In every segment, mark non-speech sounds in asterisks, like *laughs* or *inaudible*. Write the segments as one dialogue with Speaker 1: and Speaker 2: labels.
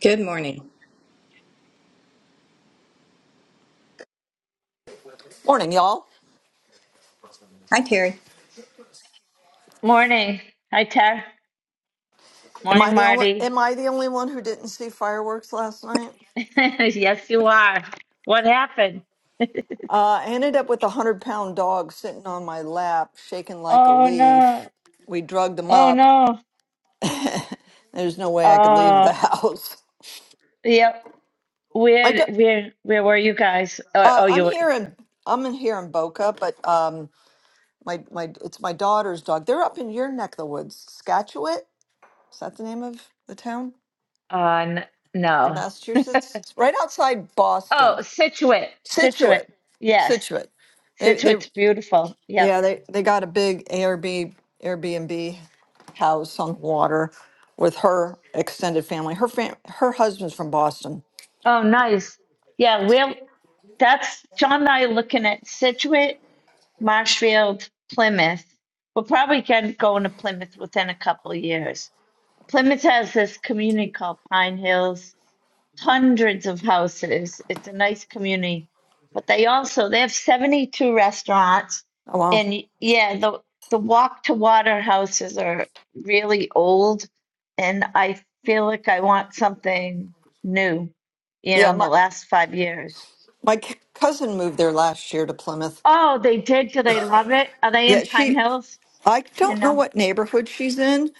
Speaker 1: Good morning.
Speaker 2: Morning, y'all.
Speaker 1: Hi, Terry.
Speaker 3: Morning. Hi, Tara.
Speaker 2: Am
Speaker 3: Morning,
Speaker 2: I the only
Speaker 3: Marty.
Speaker 2: Am I the only one who didn't see fireworks last night?
Speaker 3: *laughs* yes, you are. What happened? *laughs*
Speaker 2: Uh, I ended up with a hundred pound dog sitting on my lap, shaking like a
Speaker 3: Oh
Speaker 2: leaf.
Speaker 3: no.
Speaker 2: We drugged him
Speaker 3: Oh
Speaker 2: up.
Speaker 3: no.
Speaker 2: There's no way I could leave
Speaker 3: Uh,
Speaker 2: the *laughs* house.
Speaker 3: yep.
Speaker 2: My
Speaker 3: Where,
Speaker 2: do-
Speaker 3: where, where were you guys? Uh,
Speaker 2: uh,
Speaker 3: oh, you
Speaker 2: I'm
Speaker 3: were
Speaker 2: here in I'm in here in Boca, but um, my my it's my daughter's dog. They're up in your neck of the woods, Scatchewit. Is that the name of the town
Speaker 3: on.
Speaker 2: in
Speaker 3: no.
Speaker 2: Massachusetts? It's right outside
Speaker 3: Oh,
Speaker 2: Boston,
Speaker 3: Situate. Situate.
Speaker 2: Situate,
Speaker 3: Yes.
Speaker 2: Situate. They they
Speaker 3: Situate's beautiful. Yep.
Speaker 2: Yeah, they, they got a big ARB, Airbnb house on the water with her extended family. Her fam, her husband's from Boston.
Speaker 3: Oh, nice. Yeah, we're that's John and I are looking at Situate, Marshfield, Plymouth. We'll probably get going to Plymouth within a couple of years. Plymouth has this community called Pine Hills, hundreds of houses. It's a nice community, but they also they have 72 restaurants,
Speaker 2: Oh wow.
Speaker 3: and yeah, the the walk to water houses are really old, and I feel like I want something new, you know,
Speaker 2: Yeah,
Speaker 3: in the
Speaker 2: my
Speaker 3: last five years.
Speaker 2: my c- cousin moved there last year to Plymouth.
Speaker 3: Oh, they did. Do they love it? Are they in
Speaker 2: Yeah,
Speaker 3: Pine
Speaker 2: she
Speaker 3: Hills?
Speaker 2: I
Speaker 3: You
Speaker 2: don't know
Speaker 3: know?
Speaker 2: what neighborhood she's in,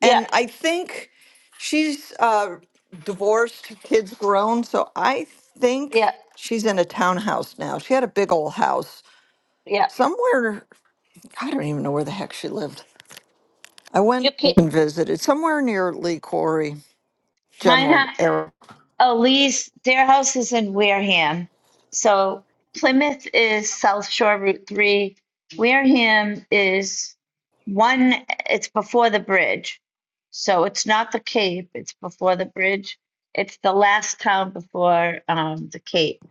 Speaker 3: Yeah,
Speaker 2: and I think she's uh divorced, kids grown, so I think
Speaker 3: yeah,
Speaker 2: she's in a townhouse now. She had a big old house
Speaker 3: yeah.
Speaker 2: somewhere I don't even know where the heck she lived. I
Speaker 3: You
Speaker 2: went
Speaker 3: can
Speaker 2: and visited somewhere near Lee Quarry,
Speaker 3: Pine
Speaker 2: General
Speaker 3: Hi-
Speaker 2: Air.
Speaker 3: Oh, Lee's, their house is in Wareham. So Plymouth is South Shore Route 3. Wareham is one, it's before the bridge. So it's not the Cape, it's before the bridge. It's the last town before um, the Cape.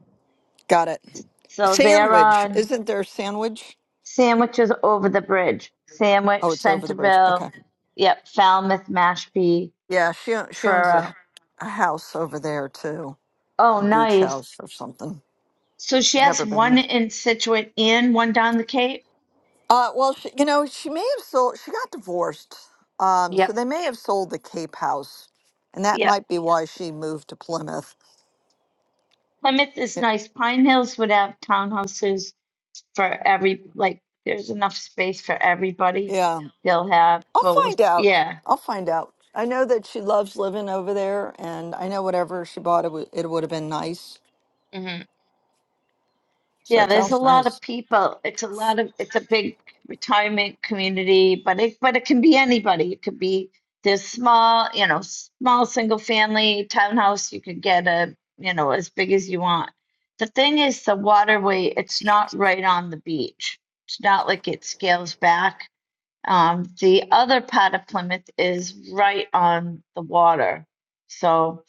Speaker 2: Got it.
Speaker 3: So they're
Speaker 2: Sandwich.
Speaker 3: on
Speaker 2: Isn't there Sandwich?
Speaker 3: sandwiches over the bridge. Sandwich,
Speaker 2: Oh, it's over the bridge. Okay.
Speaker 3: Centerville, yep, Falmouth, Mashpee,
Speaker 2: Yeah, she o- she owns
Speaker 3: Truro.
Speaker 2: a, a house over there too,
Speaker 3: Oh,
Speaker 2: a beach
Speaker 3: nice.
Speaker 2: house or something.
Speaker 3: So she has
Speaker 2: Never been there.
Speaker 3: one in Situate and one down the Cape.
Speaker 2: Uh, well, she, you know, she may have sold. She got divorced, um, so
Speaker 3: Yep,
Speaker 2: they may have sold the Cape House, and that
Speaker 3: yep.
Speaker 2: might be why she moved to Plymouth.
Speaker 3: Plymouth is
Speaker 2: Y-
Speaker 3: nice. Pine Hills would have townhouses for every like. There's enough space for everybody.
Speaker 2: Yeah.
Speaker 3: They'll have
Speaker 2: I'll
Speaker 3: both.
Speaker 2: find out.
Speaker 3: Yeah.
Speaker 2: I'll find out. I know that she loves living over there, and I know whatever she bought, it would, it would have been nice.
Speaker 3: hmm
Speaker 2: So
Speaker 3: Yeah,
Speaker 2: it
Speaker 3: there's a
Speaker 2: sounds
Speaker 3: lot of
Speaker 2: nice.
Speaker 3: people. It's a lot of it's a big retirement community, but it but it can be anybody. It could be this small, you know, small single family townhouse. You could get a, you know, as big as you want. The thing is the waterway, it's not right on the beach. It's not like it scales back. Um, the other part of Plymouth is right on the water. So,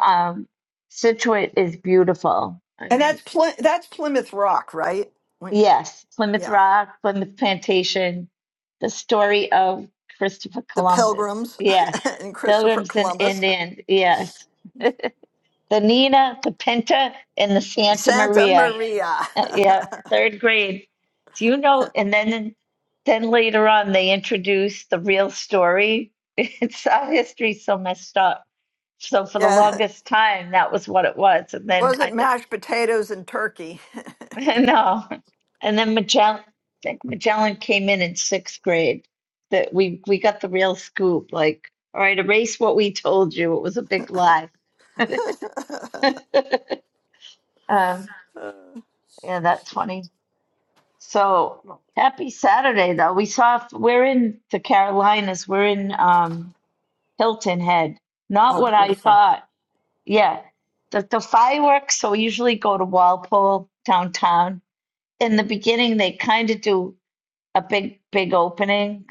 Speaker 3: um, Situate is beautiful. I
Speaker 2: And
Speaker 3: mean,
Speaker 2: that's Ply- that's Plymouth Rock, right? When,
Speaker 3: Yes, Plymouth
Speaker 2: yeah,
Speaker 3: Rock, Plymouth Plantation, the story of Christopher
Speaker 2: the
Speaker 3: Columbus.
Speaker 2: Pilgrims
Speaker 3: Yes,
Speaker 2: *laughs* and Christopher
Speaker 3: Pilgrims and
Speaker 2: Columbus,
Speaker 3: Indians. Yes, the Nina, the Pinta, and the Santa
Speaker 2: Santa
Speaker 3: Maria.
Speaker 2: Maria.
Speaker 3: Uh, yeah, third grade. Do you know? And then, then later on, they introduced the real story. *laughs* It's our history so messed up. So
Speaker 2: *laughs*
Speaker 3: for the
Speaker 2: yeah,
Speaker 3: longest time, that was what it was. And then I
Speaker 2: wasn't
Speaker 3: think
Speaker 2: mashed potatoes and turkey.
Speaker 3: *laughs* No. And then Magellan, I think Magellan came in in sixth grade. That we we got the real scoop. Like, all right, erase what we told you. It was a big lie. *laughs* Um,
Speaker 2: *laughs*
Speaker 3: yeah, that's funny. So happy Saturday, though. We saw we're in the Carolinas. We're in um, Hilton Head. Not
Speaker 2: Oh,
Speaker 3: what I
Speaker 2: beautiful.
Speaker 3: thought. Yeah, the the fireworks. So we usually go to Walpole downtown. In the beginning, they kind of do. a big big opening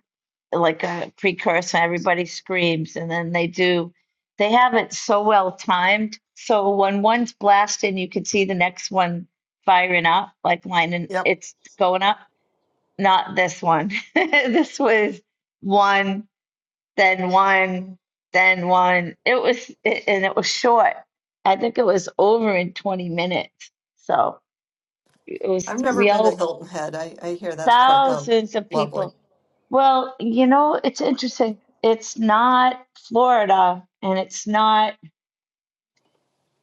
Speaker 3: like a precursor everybody screams and then they do they have it so well timed so when one's blasting you can see the next one firing up like lining
Speaker 2: Yep,
Speaker 3: it's going up not this one *laughs* this was one then one then one it was it, and it was short i think it was over in 20 minutes so it was
Speaker 2: I've never
Speaker 3: we
Speaker 2: been to
Speaker 3: all
Speaker 2: Hilton Head. I, I hear that's quite lo-
Speaker 3: thousands of people
Speaker 2: lovely.
Speaker 3: Well, you know, it's interesting. It's not Florida and it's not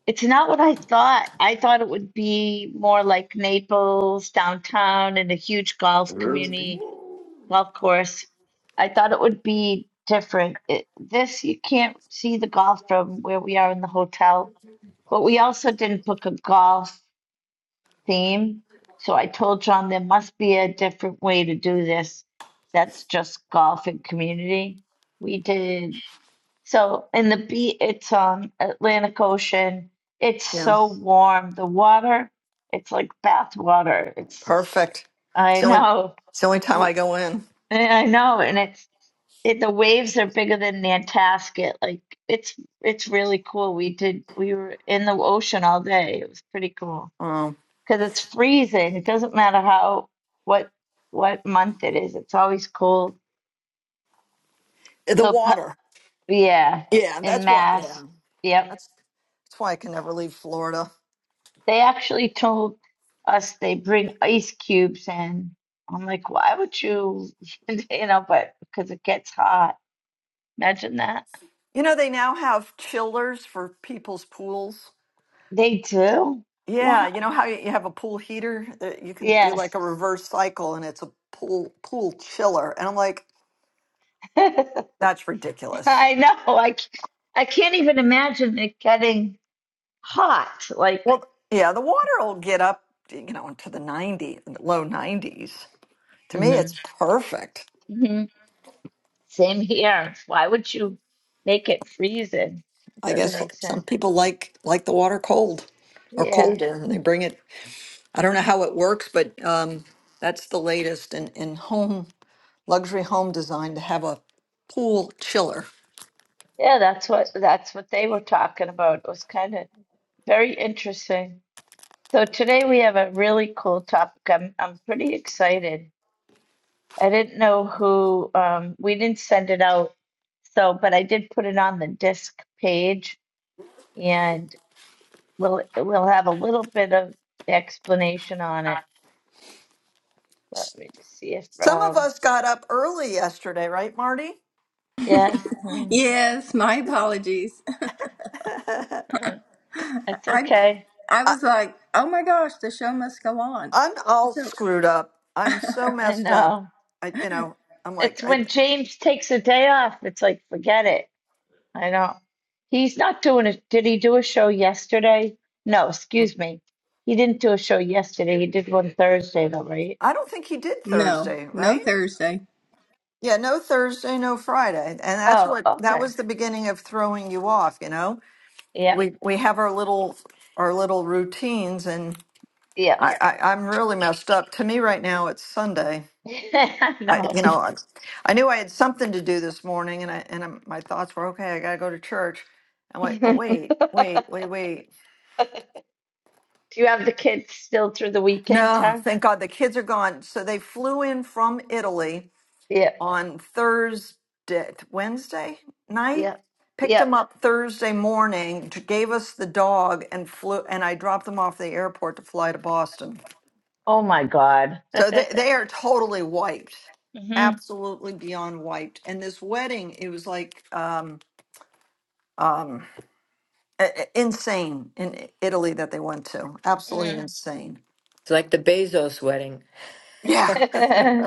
Speaker 3: it's not what I thought. I thought it would be more like Naples downtown and a huge golf community, golf course. I thought it would be different. It, this you can't see the golf from where we are in the hotel, but we also didn't book a golf theme. So I told John there must be a different way to do this. That's just golf and community. We did so in the beach. It's um Atlantic Ocean. It's
Speaker 2: Yeah.
Speaker 3: so warm. The water. It's like bath water. It's
Speaker 2: Perfect. It's
Speaker 3: I
Speaker 2: the only,
Speaker 3: know.
Speaker 2: it's the only time
Speaker 3: w-
Speaker 2: I go in.
Speaker 3: I know, and it's it, the waves are bigger than Nantasket. Like it's it's really cool. We did we were in the ocean all day. It was pretty cool
Speaker 2: Um,
Speaker 3: because it's freezing. It doesn't matter how what what month it is. It's always cold.
Speaker 2: the
Speaker 3: So pu-
Speaker 2: water.
Speaker 3: yeah,
Speaker 2: Yeah,
Speaker 3: in
Speaker 2: that's what. Yeah,
Speaker 3: Mass, yep.
Speaker 2: that's that's why I can never leave Florida.
Speaker 3: They actually told us they bring ice cubes in. I'm like, why would you, *laughs* you know? But because it gets hot. Imagine that.
Speaker 2: You know, they now have chillers for people's pools.
Speaker 3: They do.
Speaker 2: Yeah,
Speaker 3: What?
Speaker 2: you know how you have a pool heater that you can do
Speaker 3: Yes.
Speaker 2: like a reverse cycle, and it's a pool pool chiller. And I'm like,
Speaker 3: *laughs* I
Speaker 2: that's ridiculous.
Speaker 3: know. I c- I can't even imagine it getting hot. Like.
Speaker 2: Well, yeah, the water will get up, you know, into the 90, low 90s. To me, it's
Speaker 3: Mhm.
Speaker 2: perfect.
Speaker 3: Same here. Why would you make it freezing? It
Speaker 2: I
Speaker 3: doesn't
Speaker 2: guess
Speaker 3: make sense.
Speaker 2: some people like like the water cold or
Speaker 3: Yeah.
Speaker 2: colder and they bring it. I don't know how it works, but um, that's the latest in, in home luxury home design to have a pool chiller.
Speaker 3: Yeah, that's what that's what they were talking about. It was kind of very interesting. So today we have a really cool topic. I'm I'm pretty excited. I didn't know who um we didn't send it out. So, but I did put it on the disc page and we'll we'll have a little bit of explanation on it. Let me just see if
Speaker 2: Some of
Speaker 3: Rob.
Speaker 2: us got up early yesterday, right, Marty?
Speaker 3: yes. *laughs*
Speaker 1: Yes, my apologies. *laughs*
Speaker 3: That's
Speaker 1: I
Speaker 3: okay.
Speaker 1: I
Speaker 2: I,
Speaker 1: was like, oh my gosh, the show must go on.
Speaker 2: I'm all
Speaker 1: So-
Speaker 2: screwed up. I'm so
Speaker 3: I
Speaker 2: messed up.
Speaker 3: know.
Speaker 2: I, you know, I'm like,
Speaker 3: It's
Speaker 2: I,
Speaker 3: when James takes a day off, it's like, forget it. I know. He's not doing it. Did he do a show yesterday? No, excuse me. He didn't do a show yesterday. He did one Thursday, though, right?
Speaker 2: I don't think he did
Speaker 1: No,
Speaker 2: Thursday,
Speaker 1: no
Speaker 2: right?
Speaker 1: Thursday.
Speaker 2: Yeah, no Thursday, no Friday. And that's
Speaker 3: Oh,
Speaker 2: what, that
Speaker 3: okay.
Speaker 2: was the beginning of throwing you off, you know?
Speaker 3: Yep,
Speaker 2: we we have our little our little routines and
Speaker 3: yep.
Speaker 2: I, I i'm really messed up to me right now it's sunday
Speaker 3: *laughs* I
Speaker 2: i
Speaker 3: know.
Speaker 2: you know i, I knew i had something to do this morning and i and I'm, my thoughts were okay i gotta go to church
Speaker 3: *laughs*
Speaker 2: i'm like oh wait wait wait wait
Speaker 3: Do you have the kids still through the weekend,
Speaker 2: no
Speaker 3: Tara?
Speaker 2: thank god the kids are gone so they flew in from italy
Speaker 3: Yep,
Speaker 2: on thursday wednesday night
Speaker 3: yep,
Speaker 2: picked them
Speaker 3: yep.
Speaker 2: up thursday morning t- gave us the dog and flew and i dropped them off at the airport to fly to boston
Speaker 3: Oh my God. *laughs*
Speaker 2: So they, they are totally wiped,
Speaker 3: hmm
Speaker 2: absolutely beyond wiped. And this wedding, it was like um, um, i- i- insane in I- Italy that they went to. Absolutely insane.
Speaker 4: It's like the Bezos wedding.
Speaker 2: Yeah.
Speaker 3: hmm *laughs*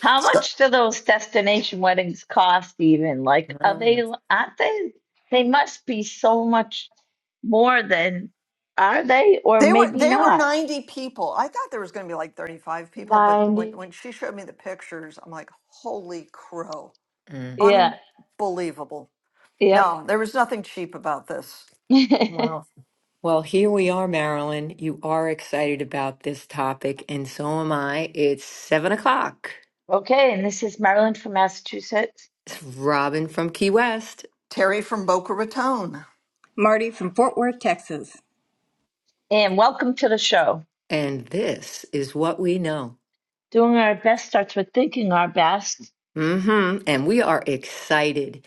Speaker 3: How
Speaker 2: So
Speaker 3: much do those destination weddings cost even? Like, are they,
Speaker 4: Mm.
Speaker 3: aren't they, they must be so much more than, are they, or
Speaker 2: they were
Speaker 3: maybe
Speaker 2: they were
Speaker 3: not?
Speaker 2: 90 people. I thought there was going to be like 35 people, but when
Speaker 3: 90.
Speaker 2: when she showed me the pictures, I'm like, holy crow,
Speaker 4: Mm.
Speaker 3: Yeah,
Speaker 2: unbelievable.
Speaker 3: yep.
Speaker 2: No, there was nothing cheap about this.
Speaker 3: *laughs*
Speaker 4: Well, well, here we are, Marilyn. You are excited about this topic, and so am I. It's seven o'clock.
Speaker 3: Okay, and this is Marilyn from Massachusetts.
Speaker 4: It's Robin from Key West,
Speaker 2: Terry from Boca Raton.
Speaker 1: Marty from Fort Worth, Texas.
Speaker 3: And welcome to the show.
Speaker 4: and this is what we know.
Speaker 3: Doing our best starts with thinking our best.
Speaker 4: hmm And we are excited.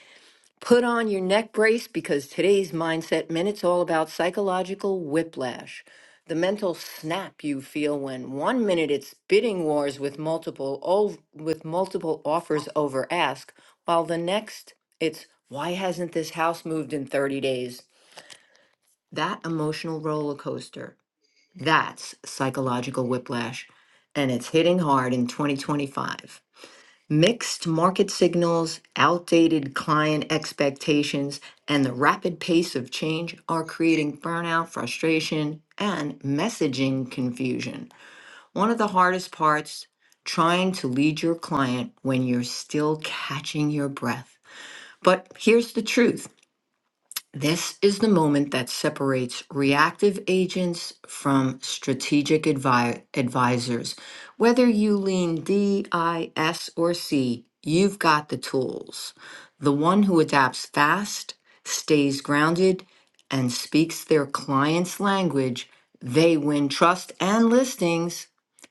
Speaker 4: Put on your neck brace because today's Mindset Minute's all about psychological whiplash, the mental snap you feel when one minute it's bidding wars with multiple ov- with multiple offers over ask, while the next it's why hasn't this house moved in 30 days? That emotional roller coaster. That's psychological whiplash, and it's hitting hard in 2025. Mixed market signals, outdated client expectations, and the rapid pace of change are creating burnout, frustration, and messaging confusion. One of the hardest parts, trying to lead your client when you're still catching your breath. But here's the truth. This is the moment that separates reactive agents from strategic advi- advisors. Whether you lean D, I, S, or C, you've got the tools. The one who adapts fast, stays grounded, and speaks their client's language, they win trust and listings.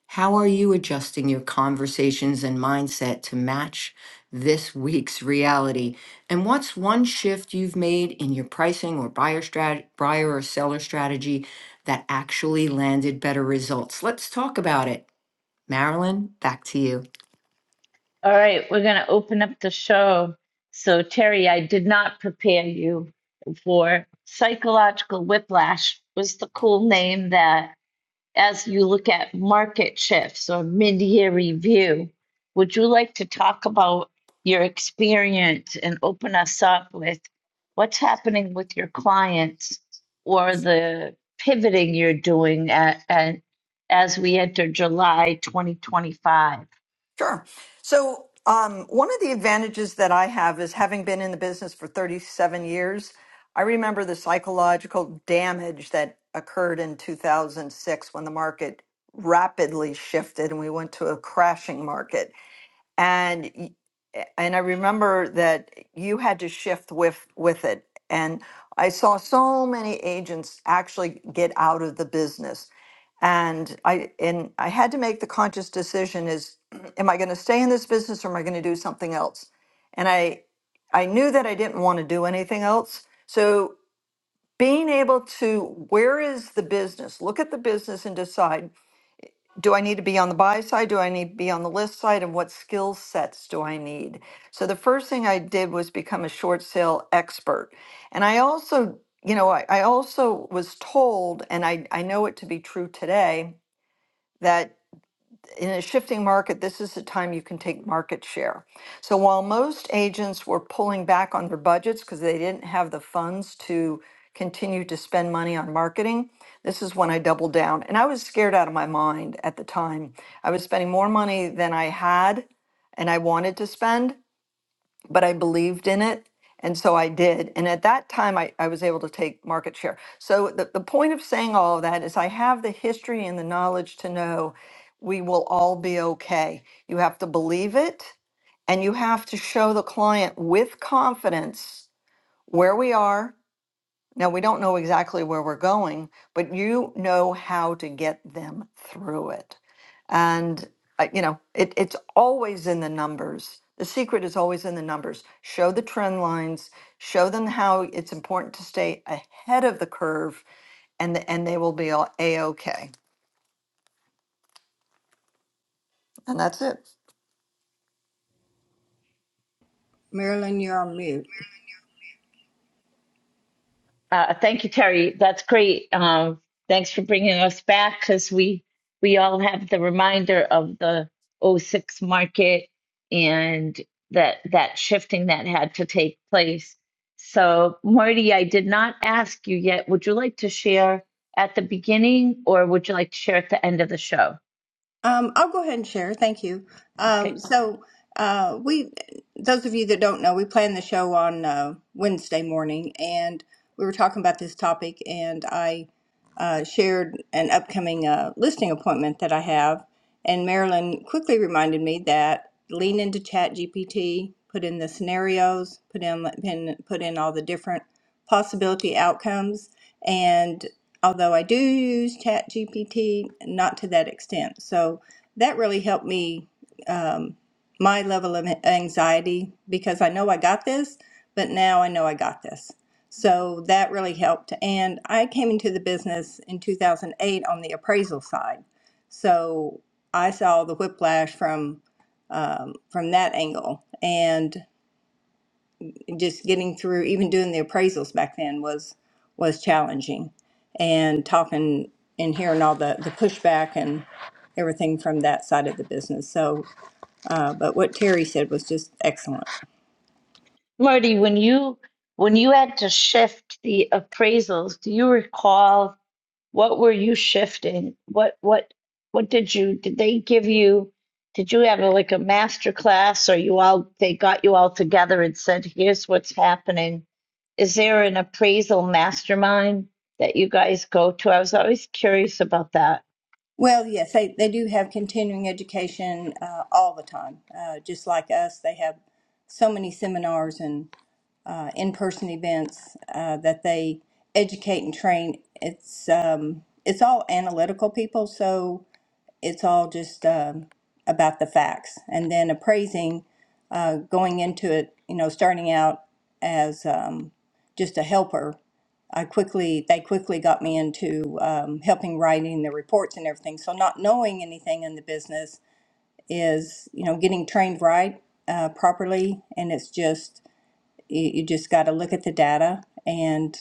Speaker 4: How are you adjusting your conversations and mindset to match? this week's reality? And what's one shift you've made in your pricing or buyer strat- buyer or seller strategy that actually landed better results? Let's talk about it. Marilyn, back to you.
Speaker 3: All right, we're going to open up the show. So, Terry, I did not prepare you for psychological whiplash was the cool name that as you look at market shifts or mid-year review, would you like to talk about your experience and open us up with what's happening with your clients or the pivoting you're doing at, at as we enter July 2025?
Speaker 2: Sure. So, um, one of the advantages that I have is having been in the business for 37 years, I remember the psychological damage that occurred in 2006 when the market rapidly shifted and we went to a crashing market and y- a- and I remember that you had to shift with with it. And I saw so many agents actually get out of the business. And I and I had to make the conscious decision is *clears throat* am I going to stay in this business or am I going to do something else? And I I knew that I didn't want to do anything else. So being able to where is the business? Look at the business and decide do I need to be on the buy side? Do I need to be on the list side? And what skill sets do I need? So the first thing I did was become a short sale expert. And I also, you know, I, I also was told, and I, I know it to be true today, that in a shifting market, this is the time you can take market share. So while most agents were pulling back on their budgets because they didn't have the funds to continue to spend money on marketing, this is when I doubled down. And I was scared out of my mind at the time. I was spending more money than I had and I wanted to spend but I believed in it. And so I did. And at that time, I, I was able to take market share. So the, the point of saying all of that is I have the history and the knowledge to know we will all be okay. You have to believe it and you have to show the client with confidence where we are now, we don't know exactly where we're going, but you know how to get them through it. And, uh, you know, it, it's always in the numbers. The secret is always in the numbers. Show the trend lines, show them how it's important to stay ahead of the curve, and, the, and they will be all A OK. And that's it.
Speaker 1: Marilyn, you're on mute.
Speaker 3: Uh, thank you, Terry. That's great. Um, thanks for bringing us back because we we all have the reminder of the '06 market and that that shifting that had to take place. So, Marty, I did not ask you yet. Would you like to share at the beginning, or would you like to share at the end of the show?
Speaker 1: Um, I'll go ahead and share. Thank you.
Speaker 3: Okay,
Speaker 1: Um, so, uh, we, those of you that don't know, we planned the show on uh, Wednesday morning, and we were talking about this topic, and I uh, shared an upcoming uh, listing appointment that I have, and Marilyn quickly reminded me that lean into ChatGPT, put in the scenarios, put in put in all the different possibility outcomes, and although I do use ChatGPT, not to that extent. So that really helped me um, my level of anxiety because I know I got this, but now I know I got this. So that really helped. And I came into the business in 2008 on the appraisal side. So I saw the whiplash from um, from that angle. And just getting through even doing the appraisals back then was was challenging and talking and hearing all the the pushback and everything from that side of the business so uh, but what terry said was just excellent
Speaker 3: Marty, when you when you had to shift the appraisals, do you recall? what were you shifting? What what what did you did they give you? Did you have a, like a master class, or you all they got you all together and said, "Here's what's happening." Is there an appraisal mastermind that you guys go to? I was always curious about that.
Speaker 1: well yes they, they do have continuing education uh, all the time uh, just like us they have so many seminars and uh, in-person events uh, that they educate and train it's um, it's all analytical people so it's all just um, about the facts and then appraising uh, going into it you know starting out as um, just a helper i quickly they quickly got me into um, helping writing the reports and everything so not knowing anything in the business is you know getting trained right uh, properly and it's just you, you just got to look at the data and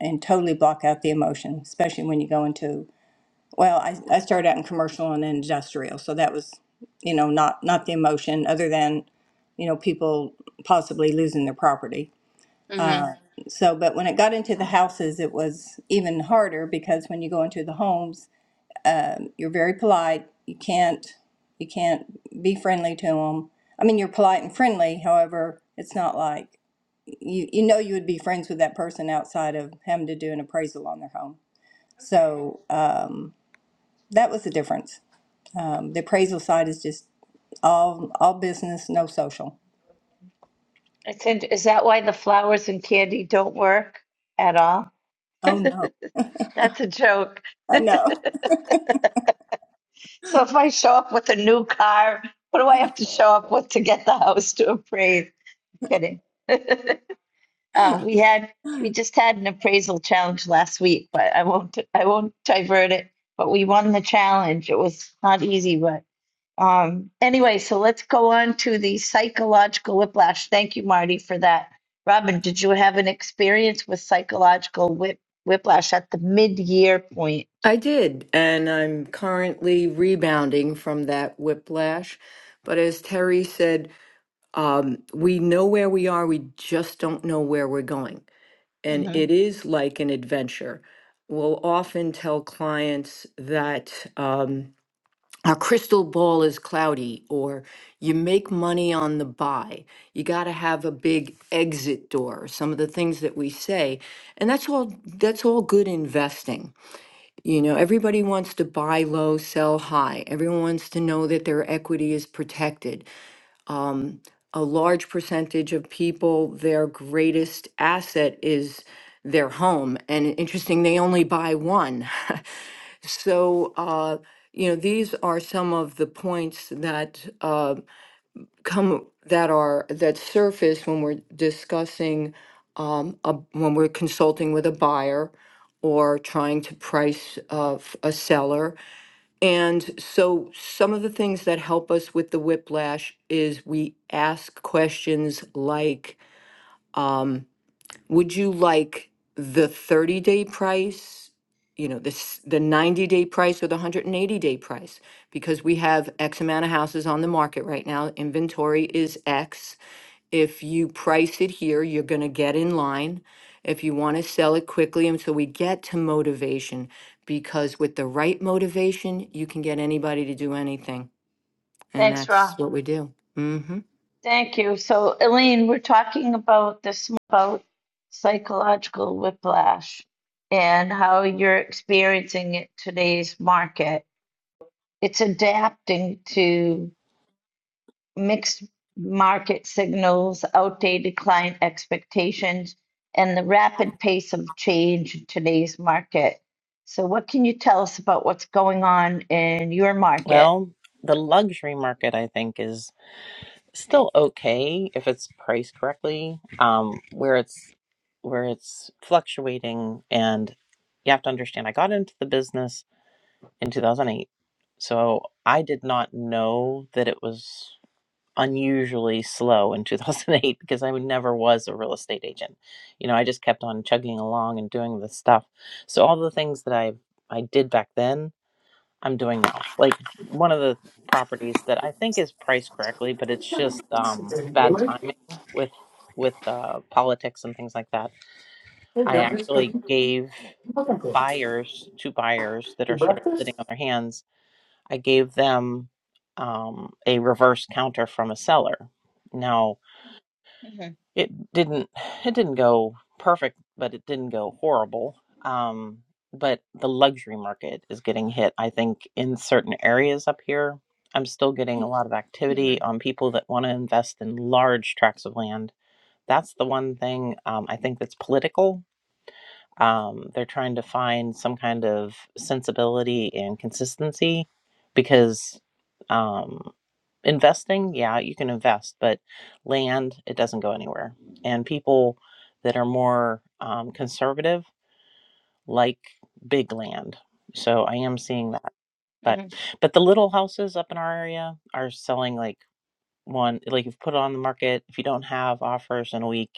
Speaker 1: and totally block out the emotion especially when you go into well, I, I started out in commercial and industrial, so that was, you know, not, not the emotion other than, you know, people possibly losing their property.
Speaker 3: hmm
Speaker 1: Uh, so, but when it got into the houses, it was even harder because when you go into the homes, um, you're very polite. You can't, you can't be friendly to them. I mean, you're polite and friendly. However, it's not like you, you know, you would be friends with that person outside of having to do an appraisal on their home. So, um, that was the difference. Um, the appraisal side is just all all business, no social.
Speaker 3: I said, "Is that why the flowers and candy don't work at all?"
Speaker 1: Oh no,
Speaker 3: *laughs* That's a joke. *laughs*
Speaker 1: I know.
Speaker 3: so if I show up with a new car, what do I have to show up with to get the house to appraise? Kidding. *laughs* Um, we had, we just had an appraisal challenge last week, but I won't, I won't divert it. But we won the challenge. It was not easy, but um, anyway, so let's go on to the psychological whiplash. Thank you, Marty, for that. Robin, did you have an experience with psychological whip, whiplash at the mid-year point?
Speaker 4: I did, and I'm currently rebounding from that whiplash. But as Terry said, um, we know where we are, we just don't know where we're going. And
Speaker 3: hmm
Speaker 4: it is like an adventure. We'll often tell clients that. Um, our crystal ball is cloudy or you make money on the buy you got to have a big exit door or some of the things that we say and that's all that's all good investing you know everybody wants to buy low sell high everyone wants to know that their equity is protected a large percentage of people their greatest asset is their home and interesting they only buy one *laughs* So, uh, you know, these are some of the points that uh, come that are that surface when we're discussing um, a, when we're consulting with a buyer or trying to price of a seller. And so, some of the things that help us with the whiplash is we ask questions like. um, would you like the 30 day price, you know, this, the 90 day price or the 180 day price? Because we have X amount of houses on the market right now. Inventory is X. If you price it here, you're going to get in line. If you want to sell it quickly. And so we get to motivation because with the right motivation, you can get anybody to do anything. And
Speaker 3: Thanks, Rob.
Speaker 4: that's what we do. hmm
Speaker 3: Thank you. So, Elaine, we're talking about this m- about psychological whiplash and how you're experiencing it today's market. It's adapting to mixed market signals, outdated client expectations, and the rapid pace of change in today's market. So, what can you tell us about what's going on in your market?
Speaker 5: Well, the luxury market, I think, is still okay if it's priced correctly. Um, where it's where it's fluctuating, and you have to understand, I got into the business in 2008, so I did not know that it was unusually slow in 2008 *laughs* because I never was a real estate agent. You know, I just kept on chugging along and doing this stuff. So all the things that I I did back then I'm doing now. Like one of the properties that I think is priced correctly, but it's just um, bad
Speaker 6: Really?
Speaker 5: timing with with uh, politics and things like that.
Speaker 6: Hey,
Speaker 5: I
Speaker 6: Jump, It's
Speaker 5: actually
Speaker 6: cooking.
Speaker 5: gave
Speaker 6: Cooking for
Speaker 5: buyers, two buyers that
Speaker 6: you
Speaker 5: are sort of sitting
Speaker 6: breakfast?
Speaker 5: on their hands, I gave them um, a reverse counter from a seller. Now
Speaker 3: hmm
Speaker 5: it didn't it didn't go perfect but it didn't go horrible um but the luxury market is getting hit i think in certain areas up here i'm still getting a lot of
Speaker 3: hmm
Speaker 5: activity on people that want to invest in large tracts of land that's the one thing um, i think that's political um, they're trying to find some kind of sensibility and consistency because um, investing yeah you can invest but land it doesn't go anywhere and people that are more um, conservative like big land so i am seeing that but
Speaker 3: hmm
Speaker 5: but the little houses up in our area are selling like one like you've put it on the market if you don't have offers in a week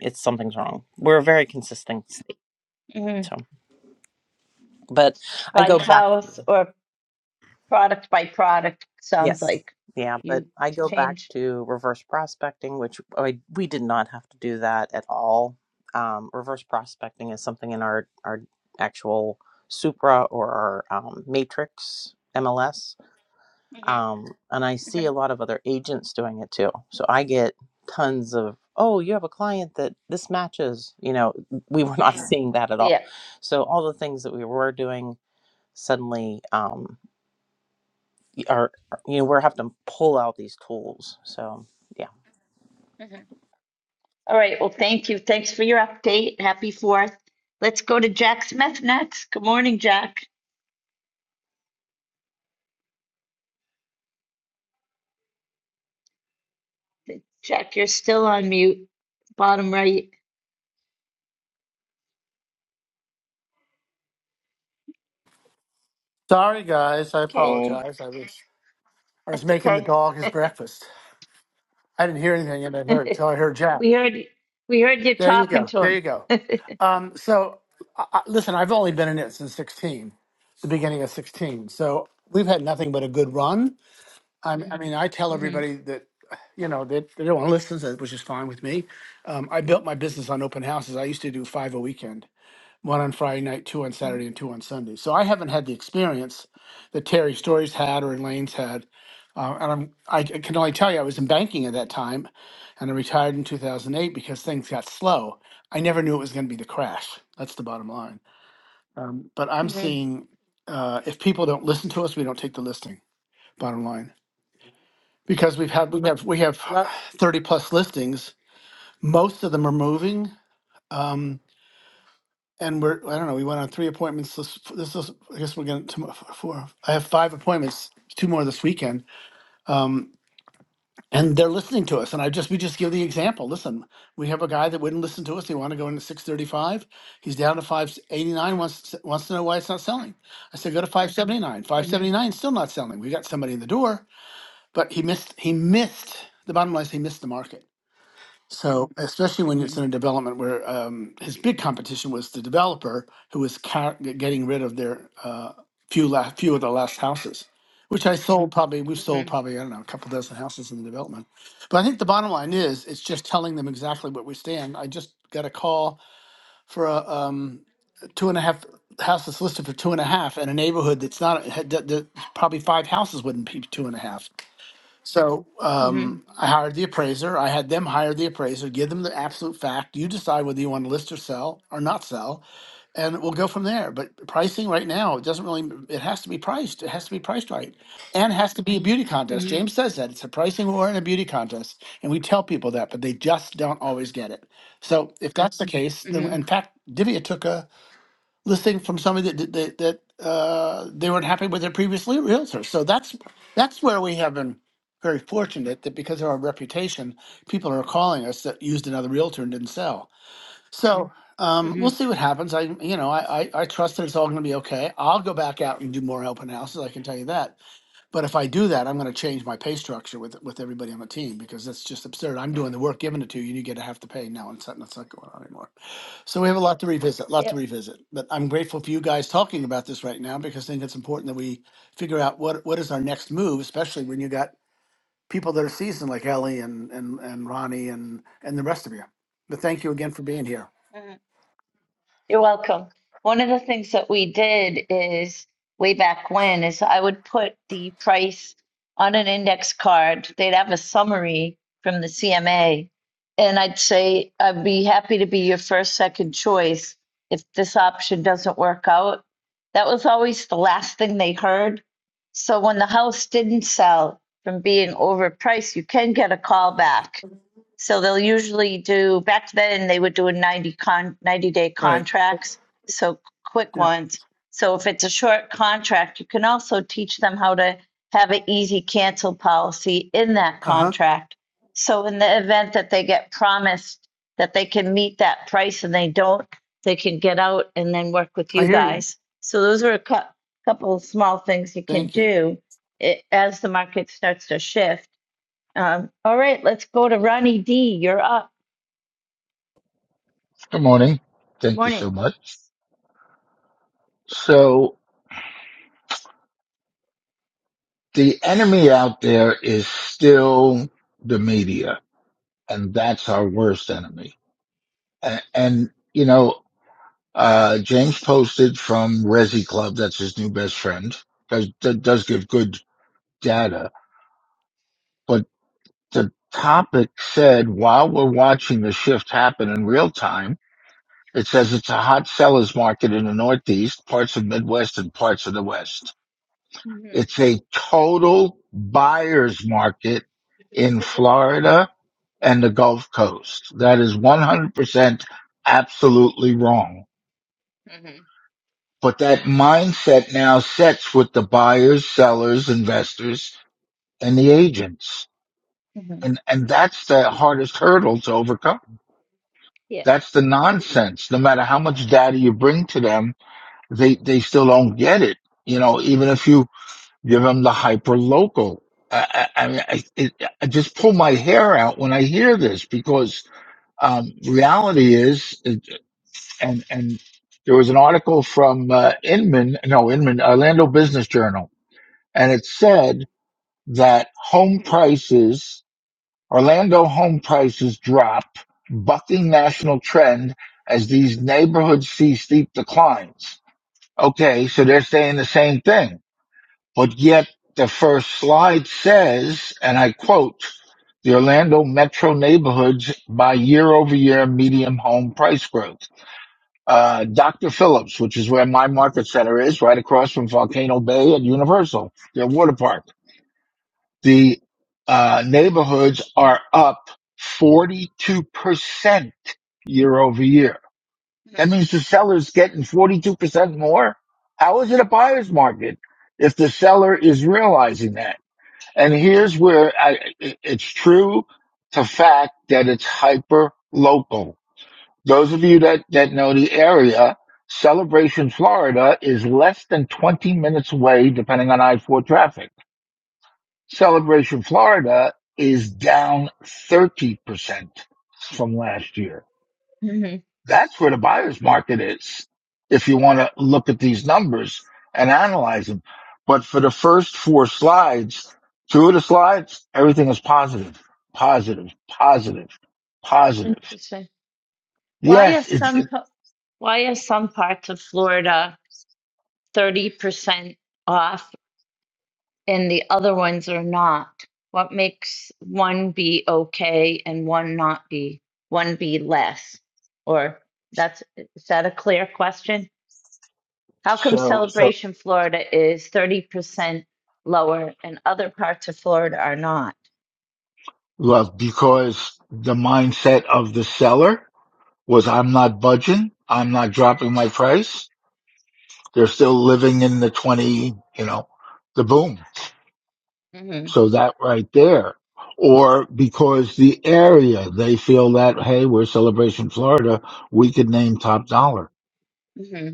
Speaker 5: it's something's wrong we're a very consistent state
Speaker 3: hmm
Speaker 5: so but i
Speaker 3: By
Speaker 5: go back
Speaker 3: house or product by product, sounds
Speaker 5: Yes.
Speaker 3: like
Speaker 5: Yeah, but
Speaker 3: you
Speaker 5: I go back
Speaker 3: change.
Speaker 5: to reverse prospecting, which I, we did not have to do that at all. Um, reverse prospecting is something in our, our actual Supra or our um, Matrix MLS.
Speaker 3: Mm-hmm,
Speaker 5: Um, and I see
Speaker 3: mm-hmm,
Speaker 5: a lot of other agents doing it too. So I get tons of, oh, you have a client that this matches. You know, we were not *laughs* seeing that at all.
Speaker 3: Yeah.
Speaker 5: So all the things that we were doing suddenly. Um, are you know we're having to pull out these tools. So yeah.
Speaker 3: mm-hmm. All right. Well, thank you. Thanks for your update. Happy fourth. Let's go to Jack Smith next. Good morning, Jack. Jack, you're still on mute. Bottom right.
Speaker 6: Sorry, guys. I
Speaker 3: Okay.
Speaker 6: apologize. I was I was
Speaker 3: It's
Speaker 6: making the
Speaker 3: okay.
Speaker 6: dog his breakfast. I didn't hear anything, and I heard
Speaker 3: *laughs*
Speaker 6: so I heard Jack.
Speaker 3: we heard we heard you
Speaker 6: There you
Speaker 3: talking
Speaker 6: go.
Speaker 3: to
Speaker 6: There
Speaker 3: him.
Speaker 6: you go. Um, so, I, I, listen, I've only been in it since sixteen, the beginning of sixteen. So we've had nothing but a good run. I, I mean, I tell
Speaker 3: Mm-hmm.
Speaker 6: everybody that. You know, they, they don't want to listen, so- which is fine with me. Um, I built my business on open houses. I used to do five a weekend one on Friday night, two on Saturday, and two on Sunday. So I haven't had the experience that Terry Stories had or Elaine's had. Uh, and I'm, I c- can only tell you, I was in banking at that time and I retired in 2008 because things got slow. I never knew it was going to be the crash. That's the bottom line. Um, but I'm
Speaker 3: Mm-hmm.
Speaker 6: seeing uh, if people don't listen to us, we don't take the listing, bottom line. Because we've had, we have, we have
Speaker 3: Love
Speaker 6: 30 plus listings. Most of them are moving. Um, and we're I don't know. We went on three appointments. This this is I guess we're going to four. I have five appointments, two more this weekend. Um, and they're listening to us. And I just we just give the example. Listen, we have a guy that wouldn't listen to us. He wanted to go into six thirty five. He's down to five eighty nine. Wants wants to know why it's not selling. I said go to five seventy nine. Five
Speaker 3: Mm-hmm.
Speaker 6: seventy nine still not selling. We got somebody in the door, but he missed. He missed. The bottom line is he missed the market so, especially when it's in a development where um, his big competition was the developer who was ca- getting rid of their uh, few la- few of the last houses, which I sold probably we've sold
Speaker 3: Mm-hmm.
Speaker 6: probably I don't know a couple dozen houses in the development. But I think the bottom line is it's just telling them exactly what we stand. I just got a call for a um, two and a half house that's listed for two and a half in a neighborhood that's not had, that, that probably five houses wouldn't be two and a half. So
Speaker 3: Mm-hmm.
Speaker 6: um, I hired the appraiser. I had them hire the appraiser, give them the absolute fact. You decide whether you want to list or sell or not sell, and we'll go from there. But pricing right now it doesn't really. It has to be priced. It has to be priced right, and it has to be a beauty contest.
Speaker 3: Mm-hmm.
Speaker 6: James says that it's a pricing war and a beauty contest, and we tell people that, but they just don't always get it. So if that's the case, then
Speaker 3: Mm-hmm.
Speaker 6: in fact, Divya took a listing from somebody that that that uh, they weren't happy with their previous lea- realtor. So that's that's where we have been very fortunate that because of our reputation, people are calling us that used another realtor and didn't sell. So Mhm. um, we'll
Speaker 3: Mm-hmm.
Speaker 6: see what happens. I you know I I, I trust that it's all going to be okay. I'll go back out and do more open houses. I can tell you that. But if I do that, I'm going to change my pay structure with with everybody on the team because that's just absurd. I'm doing the work given it to you, and you get to have to pay. No, it's not, that's not going on anymore. So we have a lot to revisit, lot to
Speaker 3: yep.
Speaker 6: revisit. But I'm grateful for you guys talking about this right now because I think it's important that we figure out what what is our next move, especially when you got people that are seasoned like Ellie and and and Ronnie and and the rest of you. But thank you again for being here.
Speaker 3: You're welcome. One of the things that we did is way back when is I would put the price on an index card. They'd have a summary from the CMA. And I'd say, I'd be happy to be your first, second choice if this option doesn't work out. That was always the last thing they heard. So when the house didn't sell from being overpriced, you can get a call back so they'll usually do, back then, they would do a 90 con, 90 day
Speaker 6: Right.
Speaker 3: contracts, so quick
Speaker 6: Yeah.
Speaker 3: ones. So if it's a short contract, you can also teach them how to have an easy cancel policy in that
Speaker 6: Uh huh.
Speaker 3: contract. So in the event that they get promised that they can meet that price and they don't, they can get out and then work with
Speaker 6: I
Speaker 3: you
Speaker 6: hear you.
Speaker 3: guys. So those are a cou- couple of small things you can
Speaker 6: Thank you.
Speaker 3: do eh, as the market starts to shift. Um, all right, let's go to Ronnie D. You're up.
Speaker 7: Good morning. Thank you
Speaker 3: Morning.
Speaker 7: so much. So the enemy out there is still the media, and that's our worst enemy. And, and you know, uh, James posted from Resi Club. That's his new best friend. Does, that does give good data, but the topic said while we're watching the shift happen in real time, it says it's a hot seller's market in the Northeast, parts of Midwest, and parts of the West.
Speaker 3: Mhm,
Speaker 7: It's a total buyer's market in Florida and the Gulf Coast. That is 100% absolutely wrong.
Speaker 3: mhm,
Speaker 7: But that mindset now sets with the buyers, sellers, investors, and the agents.
Speaker 3: hmm
Speaker 7: And, and that's the hardest hurdle to overcome.
Speaker 3: Yeah.
Speaker 7: That's the nonsense. No matter how much data you bring to them, they, they still don't get it. You know, even if you Give them the hyper local. I, I, I, mean, I, it, I just pull my hair out when I hear this because um, reality is, and and there was an article from uh, Inman, no Inman, Orlando Business Journal, and it said that home prices, Orlando home prices drop, bucking national trend as these neighborhoods see steep declines. Okay, so they're saying the same thing but yet the first slide says, and I quote, the Orlando metro neighborhoods by year over year median home price growth. Uh, Dr. Phillips, which is where my market center is, right across from Volcano Bay and Universal, their water park. The uh, neighborhoods are up 42% year over year. That
Speaker 3: mhm.
Speaker 7: means the seller's getting 42% more. How is it a buyer's market if the seller is realizing that? And here's where I, it- it's true to fact that it's hyper local. Those of you that, that know the area, Celebration, Florida is less than 20 minutes away, depending on I-4 traffic. Celebration, Florida is down 30% from last year.
Speaker 3: hmm
Speaker 7: That's where the buyer's market is. If you want to look at these numbers and analyze them. But for the first four slides, two of the slides, everything is positive, positive, positive, positive.
Speaker 3: Interesting. Why are
Speaker 7: Yes. It's
Speaker 3: some
Speaker 7: it,
Speaker 3: pa- why are some parts of Florida 30% off and the other ones are not? What makes one be okay and one not be, one be less? Or that's, is that a clear question? How come
Speaker 7: so, so
Speaker 3: Celebration Florida is 30% lower and other parts of Florida are not?
Speaker 7: well, because the mindset of the seller was I'm not budging. I'm not dropping my price. They're still living in the 20, you know, the boom.
Speaker 3: hmm
Speaker 7: So that right there. Or because the area, they feel that, hey, we're Celebration Florida, we could name top dollar.
Speaker 3: hmm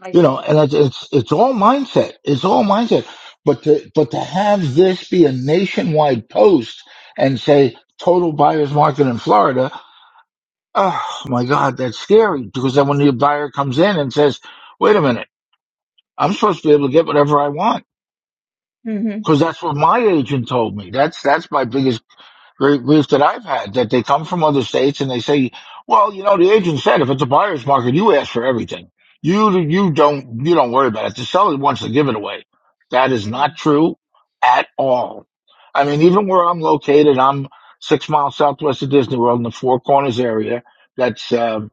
Speaker 3: I
Speaker 7: You know,
Speaker 3: see.
Speaker 7: and it's, it's, it's all mindset. It's all mindset. But to, but to have this be a nationwide post and say total buyer's market in Florida, oh my God, that's scary because then when the buyer comes in and says, wait a minute, I'm supposed to be able to get whatever I want
Speaker 3: hmm
Speaker 7: because that's what my agent told me. That's, that's my biggest great briefs that I've had that they come from other states and they say, well, you know, the agent said if it's a buyer's market, you ask for everything. You you don't you don't worry about it. The seller wants to give it away. That is
Speaker 3: hmm
Speaker 7: not true at all. I mean, even where I'm located, I'm six miles southwest of Disney World in the Four Corners area. That's um,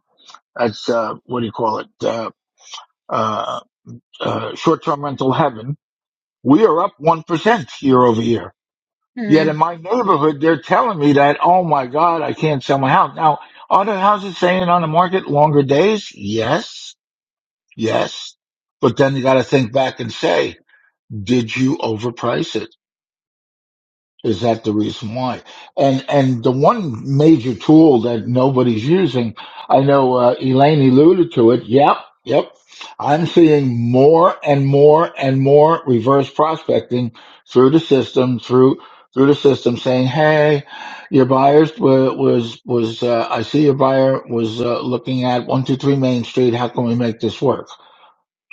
Speaker 7: that's uh, what do you call it? Uh, uh, uh, short-term rental heaven. We are up one percent year over year Yet
Speaker 3: hmm
Speaker 7: in my neighborhood, they're telling me that, oh my God, I can't sell my house. Now, are the houses staying on the market longer days? Yes, yes. But then you got to think back and say, did you overprice it? Is that the reason why? And and the one major tool that nobody's using, I know uh, Elaine alluded to it. Yep, yep. I'm seeing more and more and more reverse prospecting through the system, through through the system, saying, "Hey, your buyers wa- was was uh, I see your buyer was uh, looking at one two three Main Street. How can we make this work?"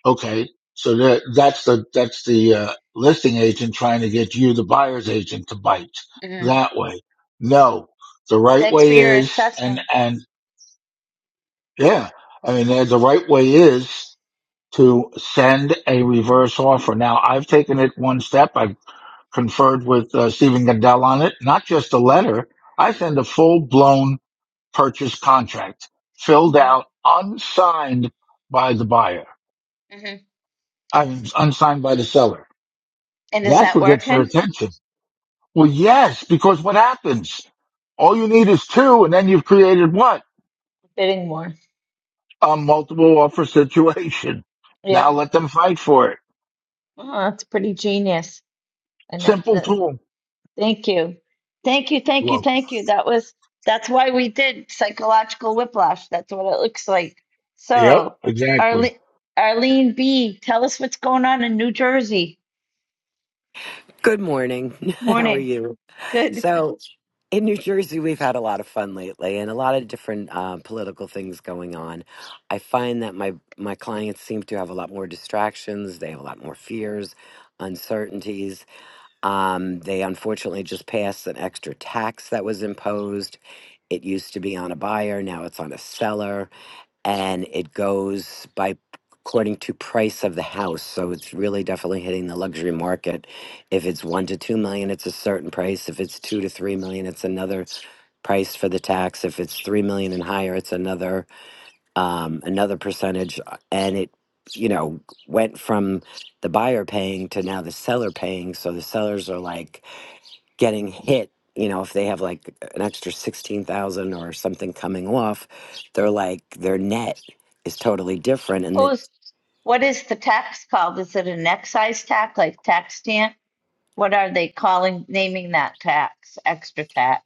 Speaker 7: Okay, so that that's the that's the uh, listing agent trying to get you, the buyer's agent, to bite
Speaker 3: hmm
Speaker 7: that way. No, the right
Speaker 3: Thanks for
Speaker 7: way
Speaker 3: your
Speaker 7: is, and
Speaker 3: assessment.
Speaker 7: and yeah, I mean uh, the right way is to send a reverse offer. Now I've taken it one step. I've conferred with uh, Stephen Gundell on it. Not just a letter. I send a full blown purchase contract filled
Speaker 3: hmm
Speaker 7: out, unsigned by the buyer.
Speaker 3: hmm
Speaker 7: I mean, unsigned by the seller
Speaker 3: And is
Speaker 7: That's
Speaker 3: that
Speaker 7: what gets their
Speaker 3: working?
Speaker 7: attention. Well, yes, because what happens? All you need is two, and then you've created what?
Speaker 3: Bidding more.
Speaker 7: A multiple offer situation. Now
Speaker 3: Yep.
Speaker 7: let them fight for it.
Speaker 3: Oh, that's pretty genius. And that,
Speaker 7: Simple
Speaker 3: that
Speaker 7: tool.
Speaker 3: Thank you. Thank you. Thank you.
Speaker 7: Well,
Speaker 3: Thank you. That was, that's why we did psychological whiplash. That's what it looks like.
Speaker 7: yep,
Speaker 3: So,
Speaker 7: exactly.
Speaker 3: Arlene, Arlene B., tell us what's going on in New Jersey.
Speaker 8: Good morning. *laughs* How are
Speaker 3: Morning.
Speaker 8: you?
Speaker 3: Good.
Speaker 8: So, in New Jersey, we've had a lot of fun lately, and a lot of different uh, political things going on. I find that my my clients seem to have a lot more distractions. They have a lot more fears, uncertainties. Um, they unfortunately just passed an extra tax that was imposed. It used to be on a buyer, now it's on a seller and it goes by according to price of the house so it's really definitely hitting the luxury market if it's 1 to 2 million it's a certain price if it's 2 to 3 million it's another price for the tax if it's 3 million and higher it's another um, another percentage Uh, and it you know went from the buyer paying to now the seller paying so the sellers are like getting hit, you know, if they have like an extra 16,000 or something coming off, they're like their net is totally different and
Speaker 3: Oh, is-
Speaker 8: it's
Speaker 3: what is the tax called? Is it an excise tax, like tax stamp? What are they calling, naming that tax? Extra tax,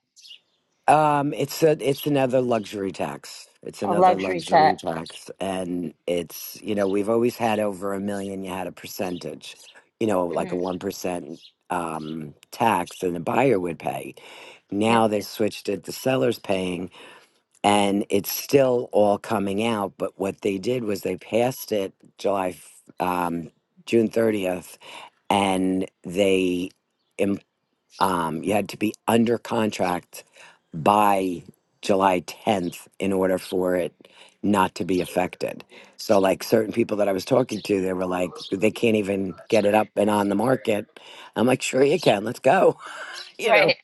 Speaker 8: um it's a it's another luxury tax. It's
Speaker 3: a
Speaker 8: another
Speaker 3: luxury
Speaker 8: luxury
Speaker 3: tax?
Speaker 8: tax and it's you know, we've always had over a million you had a percentage, you know, like
Speaker 3: hmm
Speaker 8: a 1% um tax and the buyer would pay.
Speaker 3: Yeah,
Speaker 8: Now they switched it the seller's paying and it's still all coming out. But what they did was they passed it July, f- um, June thirtieth, and they, im- um, you had to be under contract by July tenth in order for it not to be affected. So, like certain people that I was talking to, they were like, they can't even get it up and on the market. I'm like, sure you can. Let's go, *laughs* you
Speaker 3: right.
Speaker 8: know,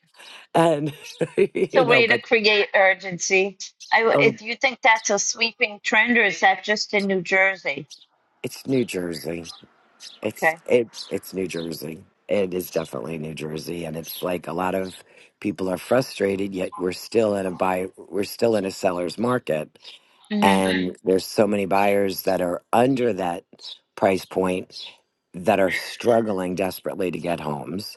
Speaker 8: and *laughs*
Speaker 3: It's
Speaker 8: you
Speaker 3: a
Speaker 8: know,
Speaker 3: way to
Speaker 8: but.
Speaker 3: create urgency. I, w-
Speaker 8: oh,
Speaker 3: if you think that's a sweeping trend, or is that just in New Jersey?
Speaker 8: It's New Jersey. It's
Speaker 3: Okay.
Speaker 8: it's it's New Jersey. It is definitely New Jersey, and it's like a lot of people are frustrated. Yet we're still in a buy. We're still in a seller's market,
Speaker 3: hmm
Speaker 8: and there's so many buyers that are under that price point that are struggling desperately to get homes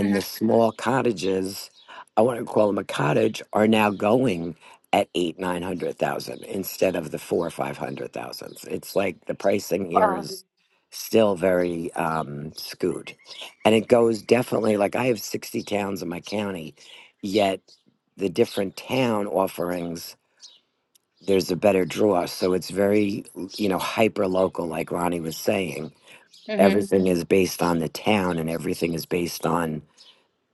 Speaker 3: hmm
Speaker 8: the small cottages i want to call them a cottage are now going at eight nine hundred thousand instead of the four or five hundred thousands it's like the pricing here
Speaker 3: Wow.
Speaker 8: is still very um scoot and it goes definitely like i have 60 towns in my county yet the different town offerings there's a better draw. So it's very, you know, hyper local, like Ronnie was saying.
Speaker 3: hmm
Speaker 8: Everything is based on the town and everything is based on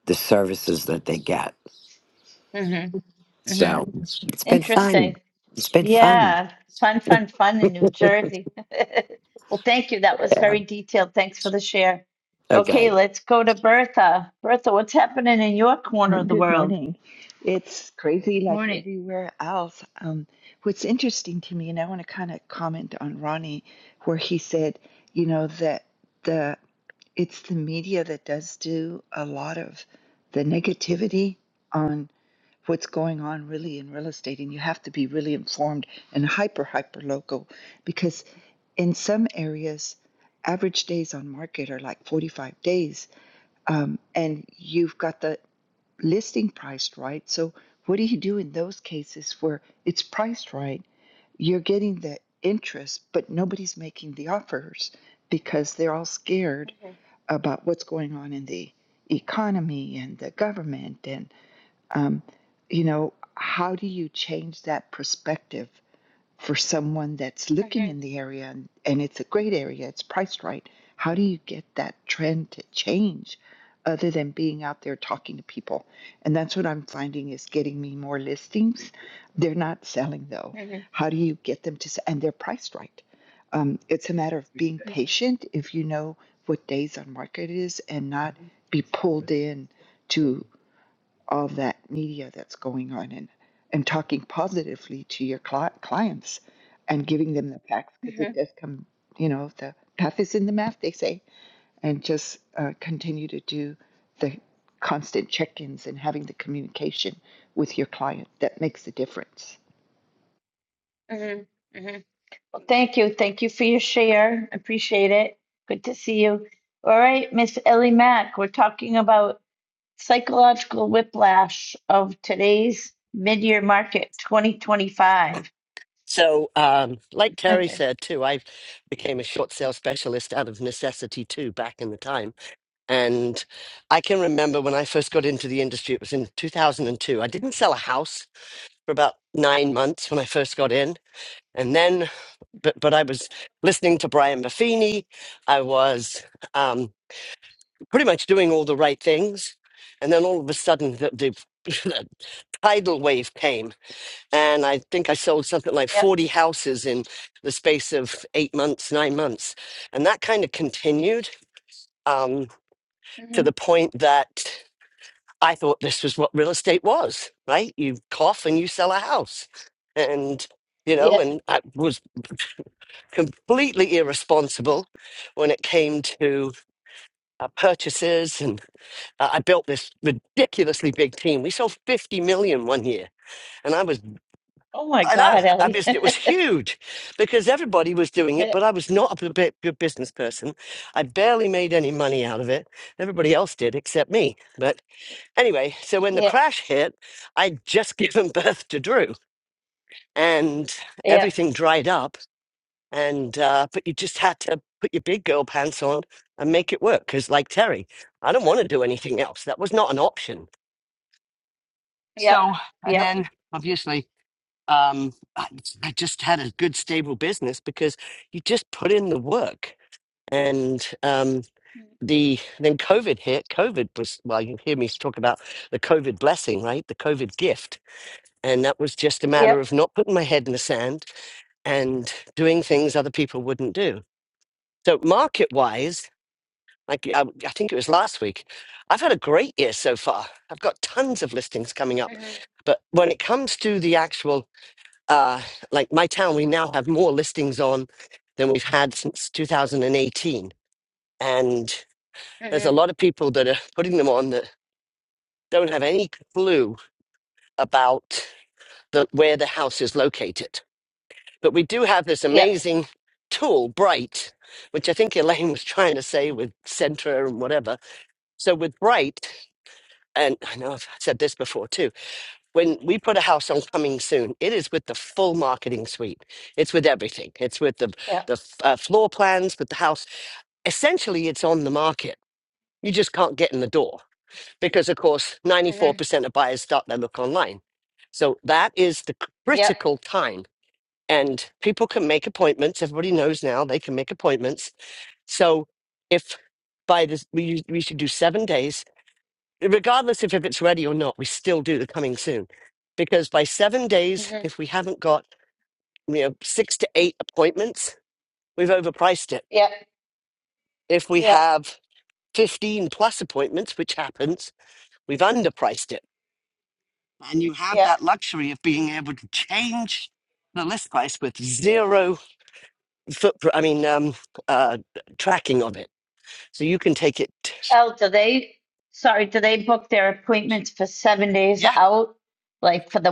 Speaker 8: the services that they get.
Speaker 3: hmm hmm
Speaker 8: So it's been
Speaker 3: Interesting.
Speaker 8: fun. It's been fun.
Speaker 3: Yeah. Fun, fun, fun in New Jersey. *laughs* well, thank you. That was
Speaker 8: Yeah.
Speaker 3: very detailed. Thanks for the share.
Speaker 8: Okay.
Speaker 3: Okay, let's go to Bertha. Bertha, what's happening in your
Speaker 9: Uh,
Speaker 3: corner of the
Speaker 9: good
Speaker 3: world?
Speaker 9: morning. It's crazy like
Speaker 3: Morning.
Speaker 9: everywhere else. Um, what's interesting to me, and I want to kind of comment on Ronnie, where he said, you know, that the it's the media that does do a lot of the negativity on what's going on really in real estate, and you have to be really informed and hyper hyper local because in some areas average days on market are like 45 days um, and you've got the listing priced right. So what do you do in those cases where it's priced right? You're getting the interest, but nobody's making the offers because they're all scared
Speaker 3: hmm
Speaker 9: about what's going on in the economy and the government. And, um, you know, how do you change that perspective for someone that's looking
Speaker 3: hmm
Speaker 9: in the area and, and it's a great area, it's priced right. How do you get that trend to change other than being out there talking to people? And that's what I'm finding is getting me more listings. They're not selling though.
Speaker 3: hmm
Speaker 9: How do you get them to sell? And they're priced right. Um, it's a matter of being patient if you know what days on market it is and not be pulled in to all that media that's going on and, and talking positively to your cli clients and giving them the facts because
Speaker 3: hmm
Speaker 9: it does come, you know, the path is in the math, they say, and just uh, continue to do the constant check ins and having the communication with your client that makes a difference.
Speaker 3: hmm hmm Thank you. Thank you for your share. Appreciate it. Good to see you. All right, Miss Ellie Mack, we're talking about psychological whiplash of today's mid-year market 2025.
Speaker 10: So, um, like
Speaker 3: *laughs*
Speaker 10: Terry said too, I became a short sale specialist out of necessity too back in the time. And I can remember when I first got into the industry, it was in 2002. I didn't sell a house for about nine months when I first got in. And then, but, but I was listening to Brian Buffini. I was um, pretty much doing all the right things. And then all of a sudden, the, the, *laughs* the tidal wave came and I think I sold something like
Speaker 3: Yep.
Speaker 10: 40 houses in the space of eight months, nine months. And that kind of continued um, to
Speaker 3: hmm
Speaker 10: the point that I thought this was what real estate was, right? You cough and you sell a house. And, you know,
Speaker 3: Yep.
Speaker 10: and I was completely irresponsible when it came to uh, purchases. And uh, I built this ridiculously big team. We sold 50 million one year, and I was
Speaker 3: Oh my
Speaker 10: I know.
Speaker 3: God,
Speaker 10: I
Speaker 3: Ellie.
Speaker 10: just it was
Speaker 3: *laughs*
Speaker 10: huge because everybody was doing it, but
Speaker 3: Yep.
Speaker 10: I was not a bit good business person. I barely made any money out of it. Everybody else did except me. But anyway, so when the
Speaker 3: Yep.
Speaker 10: crash hit, I'd just *laughs* given birth to Drew, and
Speaker 3: Yep.
Speaker 10: everything dried up. And uh, but you just had to put your big girl pants on and make it work because, like Terry, I don't want to do anything else. That was not an option.
Speaker 3: Yep.
Speaker 10: So and
Speaker 3: Yep.
Speaker 10: then obviously. um, I, I just had a good stable business because you just put in the work. And um, the then COVID hit. COVID was well, you hear me talk about the COVID blessing, right? The COVID gift, and that was just a matter of
Speaker 3: Yep.
Speaker 10: not putting my head in the sand and doing things other people wouldn't do. So market wise. Like I, I think it was last week, I've had a great year so far. I've got tons of listings coming up,
Speaker 3: hmm
Speaker 10: but when it comes to the actual uh, like my town, we now have more listings on than we've had since 2018. And there's
Speaker 3: hmm
Speaker 10: a lot of people that are putting them on that don't have any clue about the, where the house is located. But we do have this
Speaker 3: Yep.
Speaker 10: amazing tool, Bright, which I think Elaine was trying to say with Centra and whatever. So with Bright, and I know I've said this before too, when we put a house on coming soon, it is with the full marketing suite. It's with everything. It's with the
Speaker 3: Yep.
Speaker 10: the f- uh, floor plans, with the house. Essentially, it's on the market. You just can't get in the door because, of course, ninety four
Speaker 3: hmm
Speaker 10: percent of buyers start their look online. So that is the
Speaker 3: Yep.
Speaker 10: critical time, and people can make appointments. Everybody knows now they can make appointments. So if by this, we, we should do seven days regardless if, if it's ready or not, we still do the coming soon. Because by seven days,
Speaker 3: hmm
Speaker 10: if we haven't got you know six to eight appointments, we've overpriced it.
Speaker 3: Yep.
Speaker 10: If we have 15 plus appointments, which happens, we've underpriced it. And you have
Speaker 3: Yep.
Speaker 10: that luxury of being able to change the list price with zero footprint, I mean, um, uh, tracking of it. So you can take it.
Speaker 3: Oh, do they, sorry, do they book their appointments for seven days
Speaker 10: Yeah.
Speaker 3: out? Like for the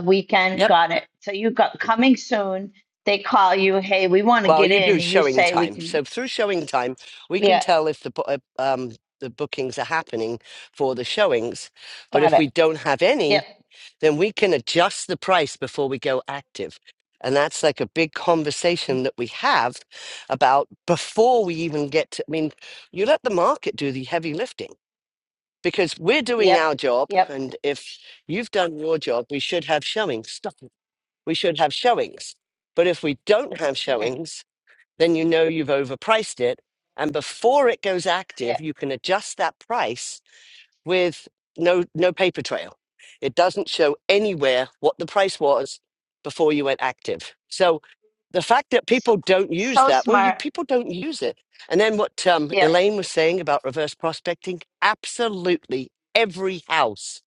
Speaker 10: Yep.
Speaker 3: weekend? Got it. So you got coming soon. They call you, hey, we want to
Speaker 10: Well,
Speaker 3: get
Speaker 10: you
Speaker 3: in.
Speaker 10: do
Speaker 3: and You
Speaker 10: showing
Speaker 3: say we
Speaker 10: time.
Speaker 3: can,
Speaker 10: So through showing time, we can
Speaker 3: yeah,
Speaker 10: tell if the bo- uh, um, the bookings are happening for the showings. But
Speaker 3: got
Speaker 10: if
Speaker 3: it.
Speaker 10: we don't have
Speaker 3: Yep,
Speaker 10: any, then we can adjust the price before we go active. And that's like a big conversation that we have about before we even get to. I mean, you let the market do the heavy lifting because we're doing
Speaker 3: yep,
Speaker 10: our job.
Speaker 3: yep.
Speaker 10: And if you've done your job, we should have showings. Stop it. We should have showings. But if we don't have
Speaker 3: Mhm.
Speaker 10: showings, then you know you've overpriced it. And before it goes
Speaker 3: Yeah.
Speaker 10: active, you can adjust that price with no no paper trail. It doesn't show anywhere what the price was before you went active. So the fact that
Speaker 3: So,
Speaker 10: people don't use
Speaker 3: so
Speaker 10: that, well, you,
Speaker 3: smart.
Speaker 10: people don't use it. And then what um,
Speaker 3: Yeah,
Speaker 10: Elaine was saying about reverse prospecting, absolutely every house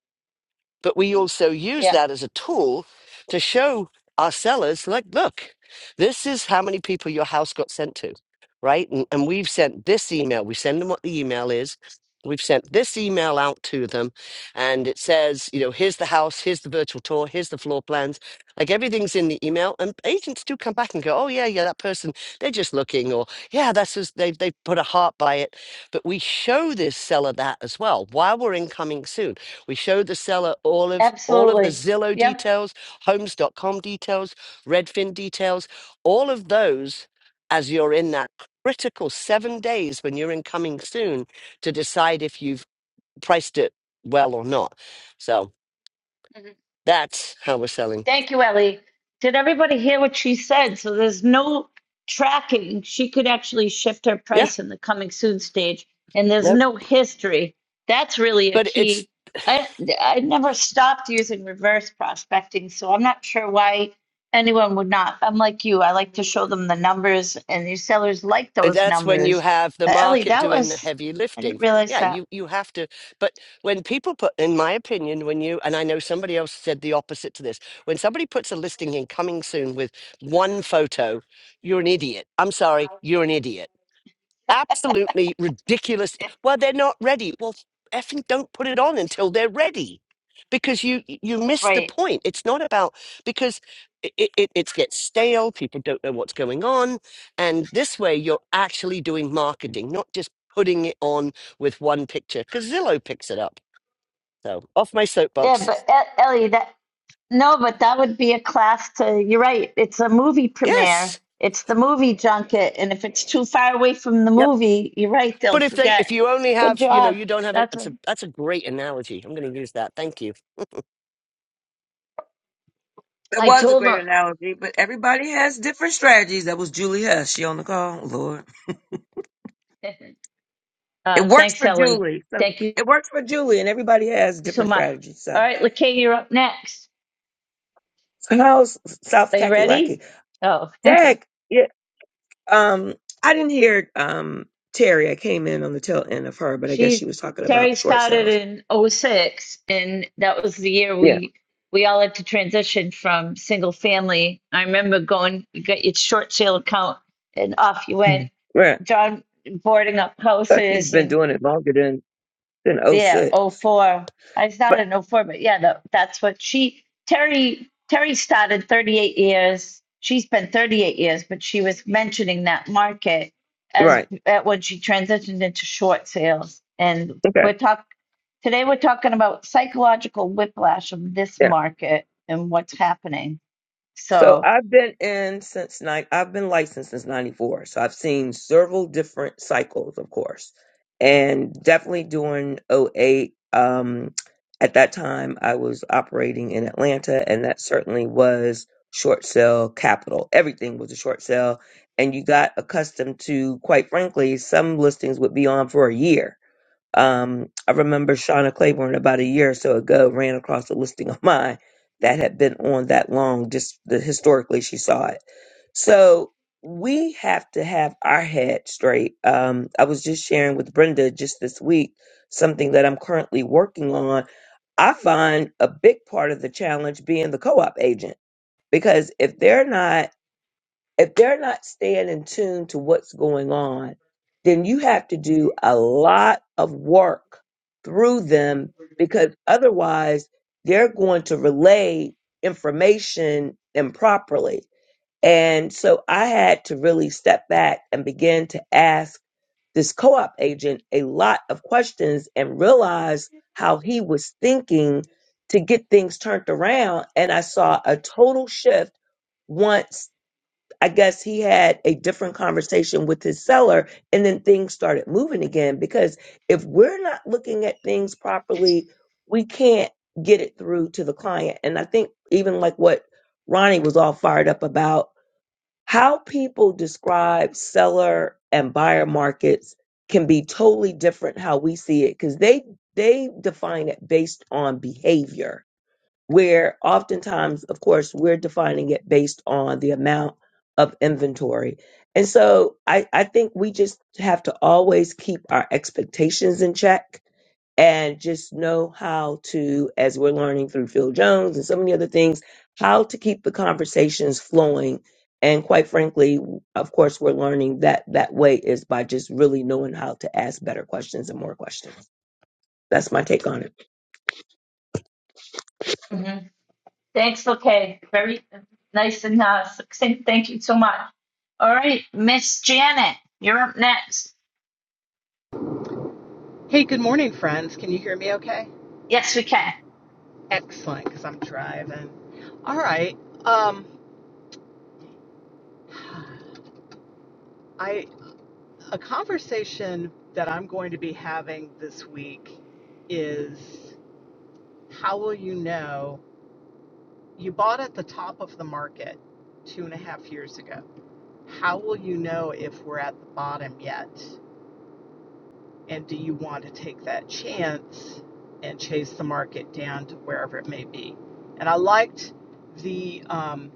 Speaker 10: but we also use
Speaker 3: yeah,
Speaker 10: that as a tool to show our sellers, like, look, this is how many people your house got sent to, right? And, and we've sent this email. We send them what the email is. We've sent this email out to them, and it says, you know, here's the house, here's the virtual tour, here's the floor plans. Like everything's in the email, and agents do come back and go, oh yeah, yeah, that person, they're just looking, or yeah, that's just they they put a heart by it. But we show this seller that as well while we're incoming soon. We showed the seller all of all of the
Speaker 3: absolutely.
Speaker 10: Zillow
Speaker 3: Yep.
Speaker 10: details, Homes dot com details, Redfin details, all of those as you're in that critical 7 days when you're in coming soon to decide if you've priced it well or not. So, that's how we're selling.
Speaker 3: Thank you, Ellie. Did everybody hear what she said? So there's no tracking. She could actually shift her
Speaker 10: Yeah.
Speaker 3: price in the coming soon stage, and there's
Speaker 10: Nope.
Speaker 3: no history. That's really a
Speaker 10: But it's
Speaker 3: key. I I never stopped using reverse prospecting, so I'm not sure why anyone would not. I'm like you. I like to show them the numbers, and these sellers like
Speaker 10: And
Speaker 3: those
Speaker 10: that's when you
Speaker 3: numbers.
Speaker 10: have the
Speaker 3: But Ellie,
Speaker 10: market
Speaker 3: that
Speaker 10: doing the
Speaker 3: was
Speaker 10: heavy
Speaker 3: I
Speaker 10: lifting.
Speaker 3: didn't realize
Speaker 10: Yeah,
Speaker 3: that.
Speaker 10: you, you have to. But when people put, in my opinion, when you, and I know somebody else said the opposite to this, when somebody puts a listing in coming soon with one photo, you're an idiot. I'm sorry, you're an idiot absolutely ridiculous. Well, they're not ready. Well, effing don't put it on until they're ready, because you you miss the
Speaker 3: Right.
Speaker 10: point. It's not about because it it, it it gets stale. People don't know what's going on, and this way you're actually doing marketing, not just putting it on with one picture. Because Zillow picks it up. So off my
Speaker 3: Yeah,
Speaker 10: soapbox.
Speaker 3: but E- Ellie, that No, but that would be a class to, you're right. It's a movie
Speaker 10: Yes.
Speaker 3: premiere. It's the movie junket. And if it's too far away from the
Speaker 10: Yep.
Speaker 3: movie, you're right, they'll
Speaker 10: But if they if
Speaker 3: forget.
Speaker 10: you only
Speaker 3: Good
Speaker 10: have you know
Speaker 3: job.
Speaker 10: you don't have it,
Speaker 3: That's
Speaker 10: it's
Speaker 3: a,
Speaker 10: a that's a great analogy. I'm going to use that. Thank you.
Speaker 11: That
Speaker 3: I
Speaker 11: was a
Speaker 3: told them.
Speaker 11: great analogy, but everybody has different strategies. That was Julie Hess. She on the call, Lord.
Speaker 3: *laughs*
Speaker 11: It
Speaker 3: Uh,
Speaker 11: works
Speaker 3: thanks,
Speaker 11: for
Speaker 3: Ellie.
Speaker 11: Julie. So
Speaker 3: Thank you
Speaker 11: it works for Julie, and everybody has
Speaker 3: so
Speaker 11: different
Speaker 3: much.
Speaker 11: strategies.
Speaker 3: All
Speaker 11: So,
Speaker 3: right, Lakay, you're up next.
Speaker 11: so how's South
Speaker 3: Are you ready?
Speaker 11: Kakalaki?
Speaker 3: Oh, *laughs*
Speaker 11: Dag, yeah, um, I didn't hear um Terry. I came in on the tail end of her, but I guess she
Speaker 3: She
Speaker 11: was talking
Speaker 3: Terry
Speaker 11: about short
Speaker 3: started
Speaker 11: sales.
Speaker 3: in '06, and that was the year
Speaker 11: Yeah,
Speaker 3: we we all had to transition from single family. I remember going you got your short sale account and off you went.
Speaker 11: Mhm. right.
Speaker 3: John boarding up
Speaker 11: I thought she's
Speaker 3: houses
Speaker 11: been
Speaker 3: and
Speaker 11: doing it longer than than oh
Speaker 3: yeah,
Speaker 11: six.
Speaker 3: oh four. I
Speaker 11: but
Speaker 3: started in oh 04, but yeah, no, that's what she Terry Terry started 38 years. She spent 38 years, but she was mentioning that market as
Speaker 11: right,
Speaker 3: at when she transitioned into short sales. And
Speaker 11: okay,
Speaker 3: we're talk today we're talking about psychological whiplash of this
Speaker 11: Yeah.
Speaker 3: market and what's happening.
Speaker 11: So
Speaker 3: So
Speaker 11: I've been in since nine. I've been licensed since '94. So I've seen several different cycles, of course, and definitely during '08. Um, at that time, I was operating in Atlanta, and that certainly was short sale capital. Everything was a short sale, and you got accustomed to, quite frankly, some listings would be on for a year um, I remember Shauna Claiborne about a year or so ago ran across a listing of mine that had been on that long, just the, historically she saw it. So we have to have our head straight. Um, I was just sharing with Brenda just this week something that I'm currently working on. I find a big part of the challenge being the co op agent because if they're not if they're not staying in tune to what's going on, then you have to do a lot of work through them because otherwise they're going to relay information improperly. And so I had to really step back and begin to ask this co op agent a lot of questions and realize how he was thinking to get things turned around. And I saw a total shift once I guess he had a different conversation with his seller and then things started moving again because if we're not looking at things properly, we can't get it through to the client. And I think even like what Ronnie was all fired up about, how people describe seller and buyer markets can be totally different how we see it because they they define it based on behavior where oftentimes, of course, we're defining it based on the amount of inventory. And so I, I think we just have to always keep our expectations in check and just know how to, as we're learning through Phil Jones and so many other things, how to keep the conversations flowing. And quite frankly, of course, we're learning that that way is by just really knowing how to ask better questions and more questions. That's my take on it.
Speaker 3: Mhm. thanks, okay. Very nice and uh, succinct. Thank you so much. All right, Miss Janet, you're up next.
Speaker 12: Hey, good morning, friends. Can you hear me okay?
Speaker 3: Yes, we can.
Speaker 12: Excellent, because I'm driving. All right. Um, I a conversation that I'm going to be having this week is how will you know you bought at the top of the market two and a half years ago? How will you know if we're at the bottom yet? And do you want to take that chance and chase the market down to wherever it may be? And I liked the um,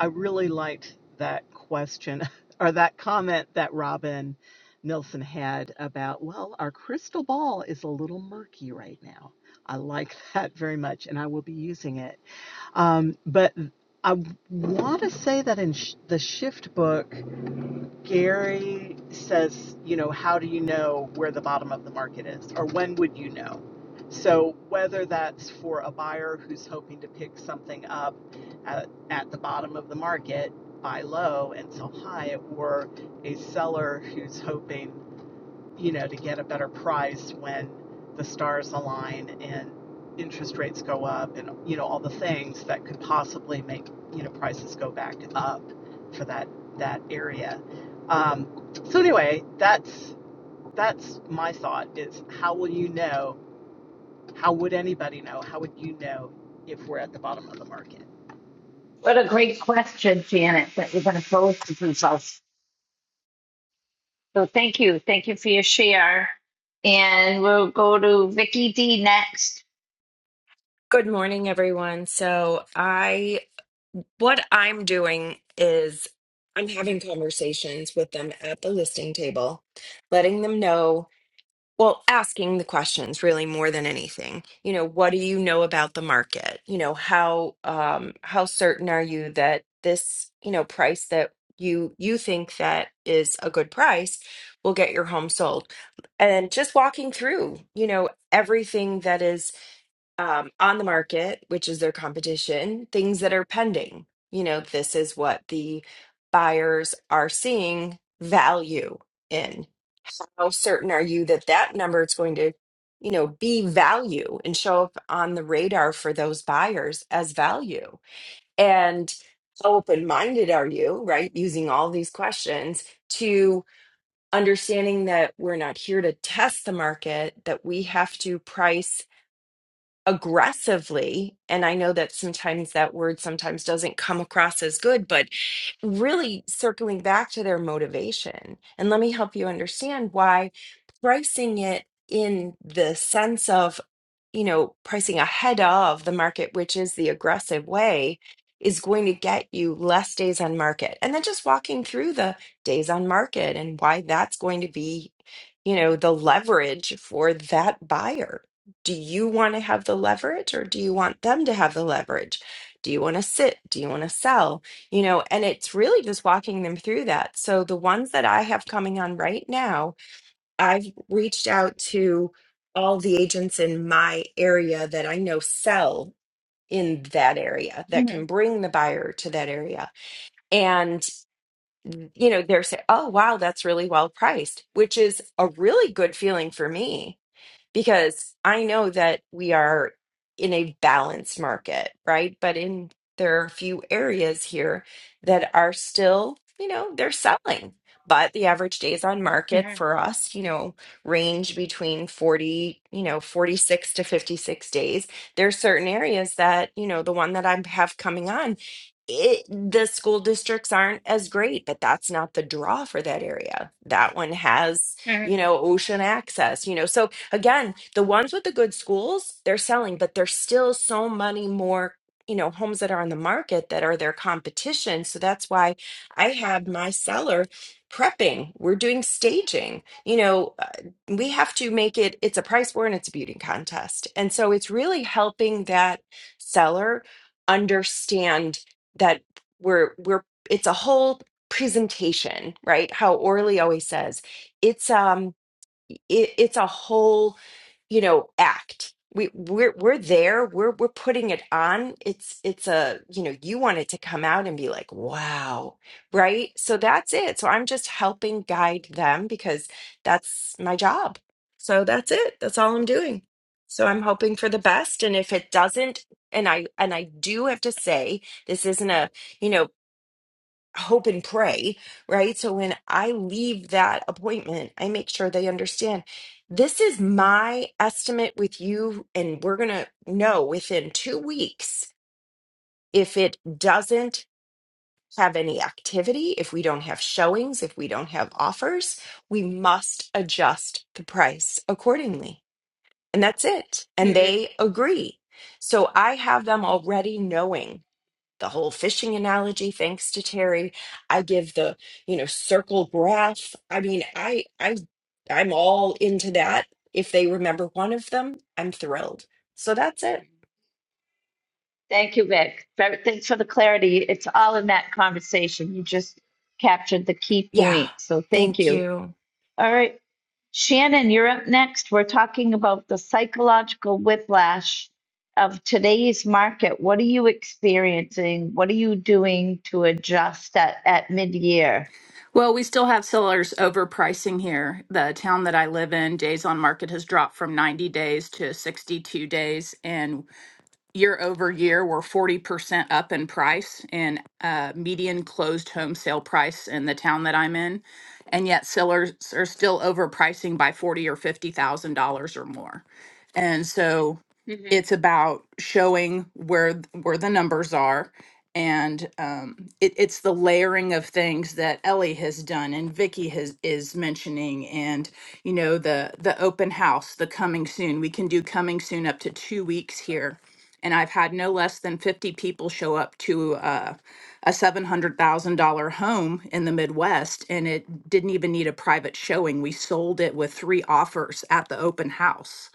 Speaker 12: I really liked that question *laughs* or that comment that Robin Nilsson had about, well, our crystal ball is a little murky right now. I like *laughs* that very much, and I will be using it. Um, but I want to say that in sh- the shift book, Gary says, you know, how do you know where the bottom of the market is or when would you know? So, whether that's for a buyer who's hoping to pick something up at, at the bottom of the market, buy low and sell high, or a seller who's hoping you know, to get a better price when the stars align and interest rates go up and, you know, all the things that could possibly make, you know, prices go back up for that, that area. Um, so anyway, that's, that's my thought is how will you know how would anybody know? How would you know if we're at the bottom of the market?
Speaker 3: So thank you. Thank you for your share. And we'll go to Vicky D next.
Speaker 13: Good morning, everyone. So, I what I'm doing is I'm having conversations with them at the listing table, letting them know, well, asking the questions really more than anything. You know, what do you know about the market? You know, how um how certain are you that this, you know, price that you you think that is a good price will get your home sold? And just walking through, you know, everything that is um, on the market, which is their competition, things that are pending. You know, this is what the buyers are seeing value in. How certain are you that that number is going to, you know, be value and show up on the radar for those buyers as value? And how open minded are you, right? Using all these questions to understanding that we're not here to test the market, that we have to price aggressively and i know that sometimes that word sometimes doesn't come across as good but really circling back to their motivation and let me help you understand why pricing it in the sense of you know pricing ahead of the market which is the aggressive way is going to get you less days on market and then just walking through the days on market and why that's going to be you know the leverage for that buyer do you want to have the leverage or do you want them to have the leverage? Do you want to sit? Do you want to sell? You know, and it's really just walking them through that. So the ones that I have coming on right now, I've reached out to all the agents in my area that I know sell in that area that can
Speaker 3: Mhm,
Speaker 13: bring the buyer to that area. And, mm, you know, they're saying, oh, wow, that's really well priced, which is a really good feeling for me because I know that we are in a balanced market, right? But in there are a few areas here that are still, you know, they're selling. But the average days on market for us, you know, range between 40, you know, 46 to 56 days. There are certain areas that, you know, the one that I have coming on, it, the school districts aren't as great, but that's not the draw for that area. That one has,
Speaker 3: mhm,
Speaker 13: you know, ocean access, you know. So again, the ones with the good schools, they're selling, but there's still so many more, you know, homes that are on the market that are their competition. So that's why I had my seller prepping. We're doing staging. You know, uh, we have to make it, it's a price war and it's a beauty contest. And so it's really helping that seller understand that we're, we're, it's a whole presentation, right? How Orly always says, it's, um, it, it's a whole you know act we we're we're there we're we're putting it on it's it's a you know you want it to come out and be like wow right so that's it so i'm just helping guide them because that's my job so that's it that's all i'm doing so i'm hoping for the best and if it doesn't and i and i do have to say this isn't a you know hope and pray, right? So when I leave that appointment, I make sure they understand this is my estimate with you, and we're going to know within two weeks if it doesn't have any activity, if we don't have showings, if we don't have offers, we must adjust the price accordingly. And that's it. And
Speaker 3: mhm.
Speaker 13: they agree. So I have them already knowing the whole fishing analogy thanks to Terry. I give the, you know, circle graph. I mean, I I I'm all into that. If they remember one of them, I'm thrilled. So that's it.
Speaker 3: Thank you, Vic. Very- Thanks for the clarity. It's all in that conversation. You just captured the key
Speaker 13: Yeah.
Speaker 3: point. So thank
Speaker 13: Thank
Speaker 3: you.
Speaker 13: you.
Speaker 3: All right. Shannon, you're up next. We're talking about the psychological whiplash of today's market. What are you experiencing? What are you doing to adjust at, at mid year?
Speaker 14: Well, we still have sellers overpricing here. The town that I live in, days on market has dropped from 90 days to 62 days, and year over year, we're 40% up in price in uh, median closed home sale price in the town that I'm in. And yet sellers are still overpricing by 40 or $50,000 or more. And so
Speaker 3: Mhm,
Speaker 14: it's about showing where th- where the numbers are and um, it, it's the layering of things that Ellie has done and Vicky has is mentioning and you know the the open house the coming soon we can do coming soon up to two weeks here and I've had no less than 50 people show up to uh, a $700,000 home in the Midwest, and it didn't even need a private showing. We sold it with three offers at the open house.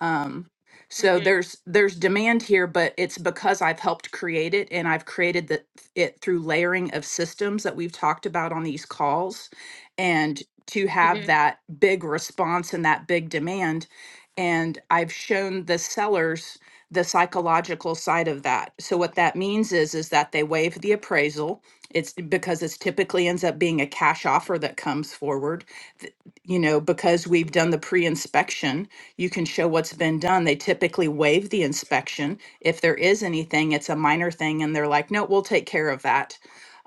Speaker 14: Um, so there's there's demand here, but it's because I've helped create it and I've created the, it through layering of systems that we've talked about on these calls. And to have that big response and that big demand. And I've shown the sellers the psychological side of that. So what that means is is that they waive the appraisal. It's because it's typically ends up being a cash offer that comes forward, th- you know, because we've done
Speaker 3: mhm,
Speaker 14: the pre-inspection you can show what's been done. They typically waive the inspection. If there is anything, it's a minor thing, and they're like, no, we'll take care of that.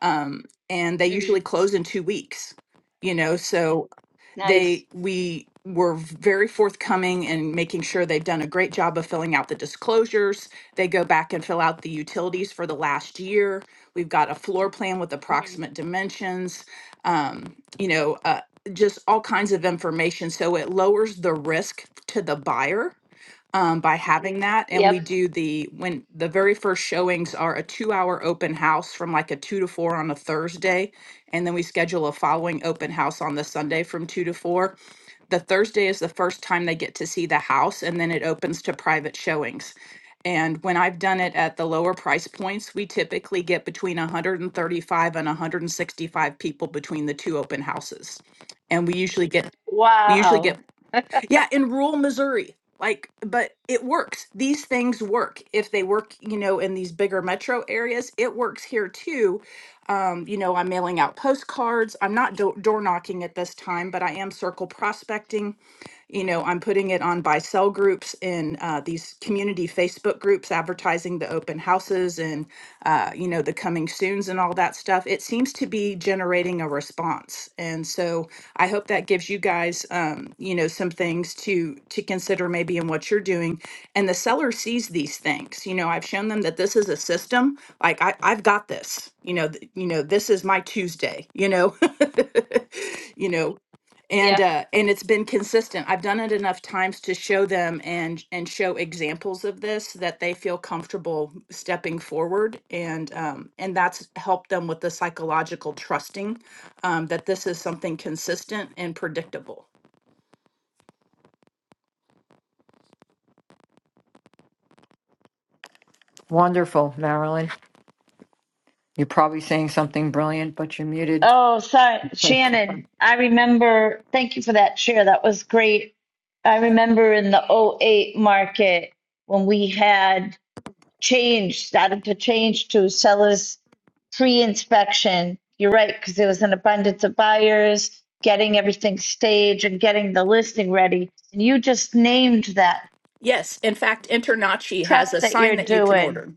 Speaker 14: Um, and they usually
Speaker 3: mhm.
Speaker 14: close in two weeks. You know, so
Speaker 3: Nice.
Speaker 14: they we were very forthcoming in making sure they've done a great job of filling out the disclosures. They go back and fill out the utilities for the last year. We've got a floor plan with approximate dimensions, um, you know, uh, just all kinds of information. So it lowers the risk to the buyer um, by having that. And we
Speaker 3: Yep.
Speaker 14: do the when the very first showings are a two hour open house from like a two to four on a Thursday. And then we schedule a following open house on the Sunday from two to four. The Thursday is the first time they get to see the house, and then it opens to private showings. And when I've done it at the lower price points, we typically get between 135 and 165 people between the two open houses. And we usually get we usually get
Speaker 3: Wow.
Speaker 14: yeah, in rural Missouri. Like, but it works. These things work. If they work, you know, in these bigger metro areas, it works here too. Um, you know, I'm mailing out postcards. I'm not do- door knocking at this time, but I am circle prospecting you know i'm putting it on buy sell groups in uh, these community facebook groups advertising the open houses and uh, you know the coming soons and all that stuff it seems to be generating a response and so i hope that gives you guys um, you know some things to to consider maybe in what you're doing and the seller sees these things you know i've shown them that this is a system like I, i've got this you know th- you know this is my tuesday you know *laughs* you know and
Speaker 3: Yep.
Speaker 14: uh and it's been consistent i've done it enough times to show them and and show examples of this that they feel comfortable stepping forward and um and that's helped them with the psychological trusting um that this is something consistent and predictable
Speaker 4: Wonderful, Marilyn. You're probably saying something brilliant, but you're muted.
Speaker 3: Oh, so
Speaker 4: *laughs*
Speaker 3: Shannon. I remember. Thank you for that share. That was great. I remember in the '08 market when we had change, started to change to sellers pre-inspection. You're right, because there was an abundance of buyers getting everything staged and getting the listing ready. And you just named that
Speaker 14: yes in fact internachi has
Speaker 3: prep
Speaker 14: a
Speaker 3: that
Speaker 14: sign
Speaker 3: you're
Speaker 14: that you can
Speaker 3: doing.
Speaker 14: order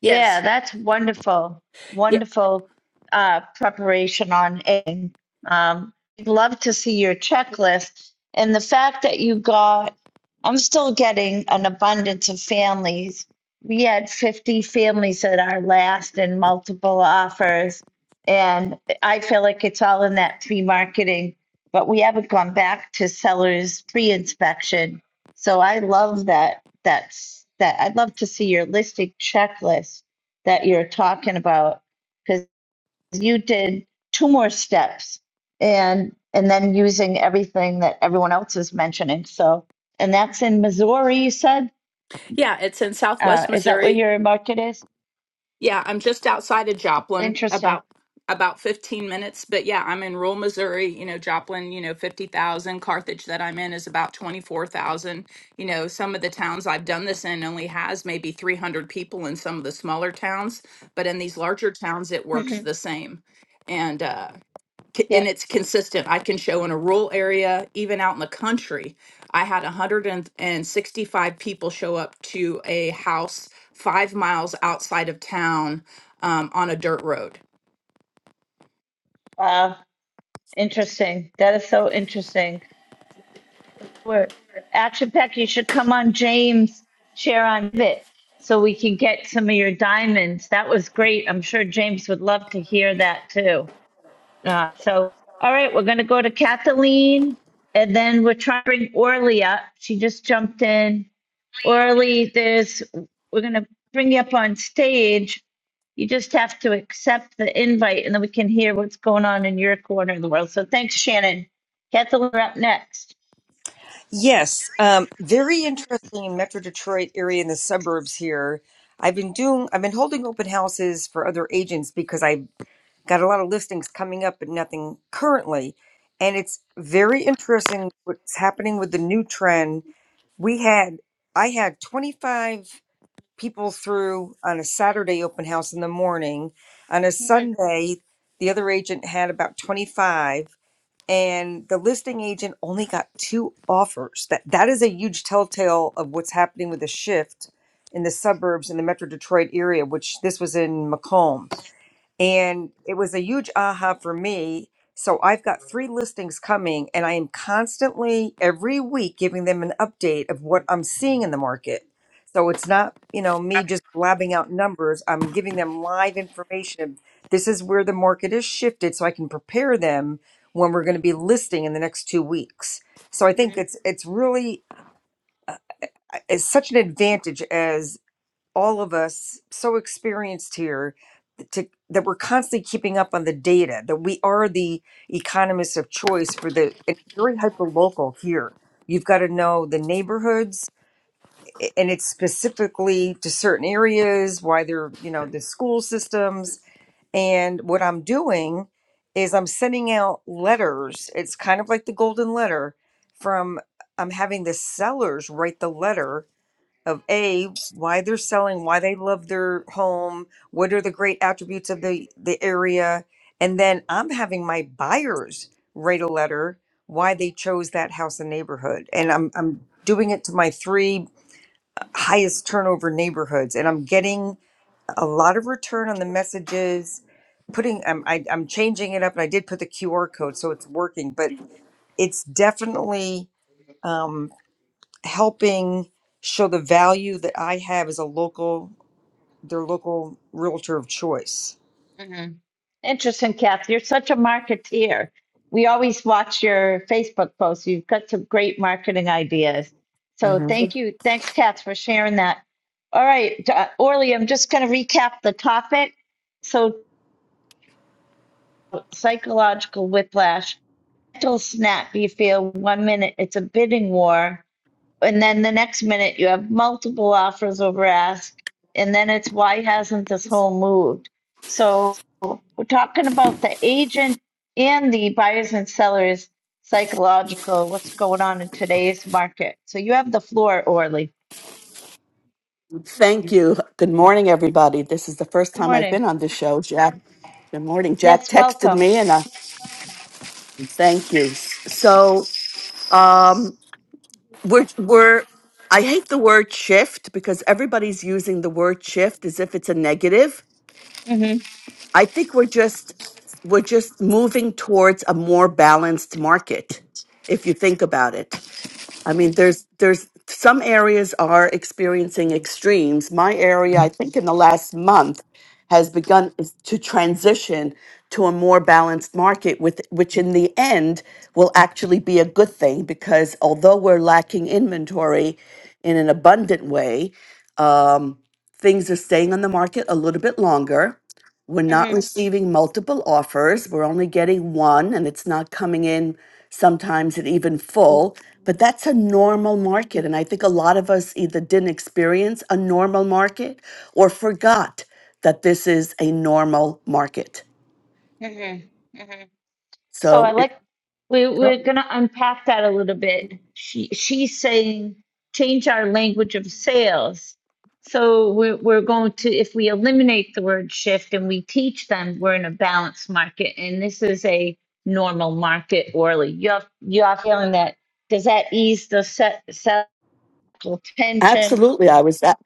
Speaker 3: Yeah,
Speaker 14: yes
Speaker 3: that's wonderful.
Speaker 14: yeah,
Speaker 3: Wonderful uh, preparation on editing. Um, I'd love to see your checklist. And the fact that you got, I'm still getting an abundance of families. We had 50 families at our last and multiple offers. And I feel like it's all in that pre marketing, but we haven't gone back to sellers pre inspection. So I love that that's that I'd love to see your listing checklist that you're talking about because you did two more steps and and then using everything that everyone else is mentioning. So and that's in Missouri, you said?
Speaker 14: yeah it's in
Speaker 3: Uh,
Speaker 14: southwest
Speaker 3: is that where
Speaker 14: missouri
Speaker 3: your market is?
Speaker 14: Yeah, I'm just outside of Joplin,
Speaker 3: Interesting.
Speaker 14: about about 15 minutes. But yeah, I'm in rural Missouri. You know, Joplin, you know, 50,000. Carthage that I'm in is about 24,000. You know, some of the towns I've done this in only has maybe 300 people in some of the smaller towns, but in these larger towns, it works
Speaker 3: hmm
Speaker 14: the same. And uh, c- and
Speaker 3: Yeah.
Speaker 14: it's consistent. I can show in a rural area, even out in the country. I had 165 people show up to a house five miles outside of town um, on a dirt road.
Speaker 3: Uh, interesting. That is so interesting. where Action Peck, you should come on James share on it so we can get some of your diamonds. That was great. I'm sure James would love to hear that too. Uh, so, all right, we're going to go to Kathleen and then we're trying to bring Orly up. She just jumped in. Orly, there's, we're going to bring you up on stage. You just have to accept the invite and then we can hear what's going on in your corner of the world. So thanks, Shannon. Kathleen, we're up next.
Speaker 15: Yes, um, very interesting in Metro Detroit area in the suburbs here. I've been doing, I've been holding open houses for other agents because I've got a lot of listings coming up, but nothing currently. And it's very interesting what's happening with the new trend. We had, I had 25 people through on a Saturday open house in the morning. On a Sunday, the other agent had about 25 and the listing agent only got two offers. That that is a huge telltale of what's happening with the shift in the suburbs in the Metro Detroit area, which this was in Macomb and it was a huge aha for me. So I've got three listings coming, and I am constantly every week giving them an update of what I'm seeing in the market. So it's not, you know, me just blabbing out numbers. I'm giving them live information. of This is where the market is shifted, so I can prepare them when we're going to be listing in the next two weeks. So I think it's it's really uh, it's such an advantage all of us so experienced here to, that we're constantly keeping up on the data that we are the economists of choice for the it's very hyper local here you've got to know the neighborhoods and it's specifically to certain areas why they're you know the school systems and what i'm doing is i'm sending out letters it's kind of like the golden letter from i'm having the sellers write the letter of a why they're selling why they love their home what are the great attributes of the the area and then i'm having my buyers write a letter why they chose that house and neighborhood and i'm i'm doing it to my three highest turnover neighborhoods and i'm getting a lot of return on the messages putting i'm I, i'm changing it up and i did put the qr code so it's working but it's definitely um helping show the value that I have as a local, their local realtor of choice.
Speaker 3: Interesting, Kath. You're such a marketeer. We always watch your Facebook posts. You've got some great marketing ideas. So
Speaker 4: Mhm.
Speaker 3: thank you. Thanks, Kath, for sharing that. All right, uh, Orly, I'm just going to recap the topic. So, psychological whiplash, mental snap, you feel one minute it's a bidding war, and then the next minute you have multiple offers over ask, and then it's why hasn't this whole moved? So, we're talking about the agent and the buyers and sellers psychological, what's going on in today's market. So you have the floor, Orly.
Speaker 16: Yeah.
Speaker 17: Thank you. Good morning, everybody. This is the first
Speaker 3: Good
Speaker 17: time I've
Speaker 3: morning.
Speaker 17: been on this show, Jack. Good morning. Jack
Speaker 3: Yes,
Speaker 17: texted
Speaker 3: welcome.
Speaker 17: me, and I thank you. S- So, um, we're we're. I hate the word shift because everybody's using the word shift as if it's a negative.
Speaker 3: Mm-hmm.
Speaker 17: I think we're just we're just moving towards a more balanced market. If you think about it, I mean,
Speaker 3: hmm
Speaker 17: there's there's some areas are experiencing extremes. My area, I think, in the last month, has begun is to transition to a more balanced market, with which in the end will actually be a good thing because although we're lacking inventory in an abundant way, um, things are staying on the market a little bit longer. We're not
Speaker 3: hmm
Speaker 17: receiving multiple offers. We're only getting one, and it's not coming in sometimes at even full. But that's a normal market. And I think a lot of us either didn't experience a normal market or forgot that this is a normal market.
Speaker 3: hmm hmm So I
Speaker 17: So, it,
Speaker 3: like We,
Speaker 17: Yep.
Speaker 3: we're going to unpack that a little bit. She, she's saying change our language of sales. So we're, we're going to, if we eliminate the word shift and we teach them, we're in a balanced market and this is a normal market, Orly. You have, you are feeling that. Does that ease the set, set tension?
Speaker 17: absolutely. I was, at-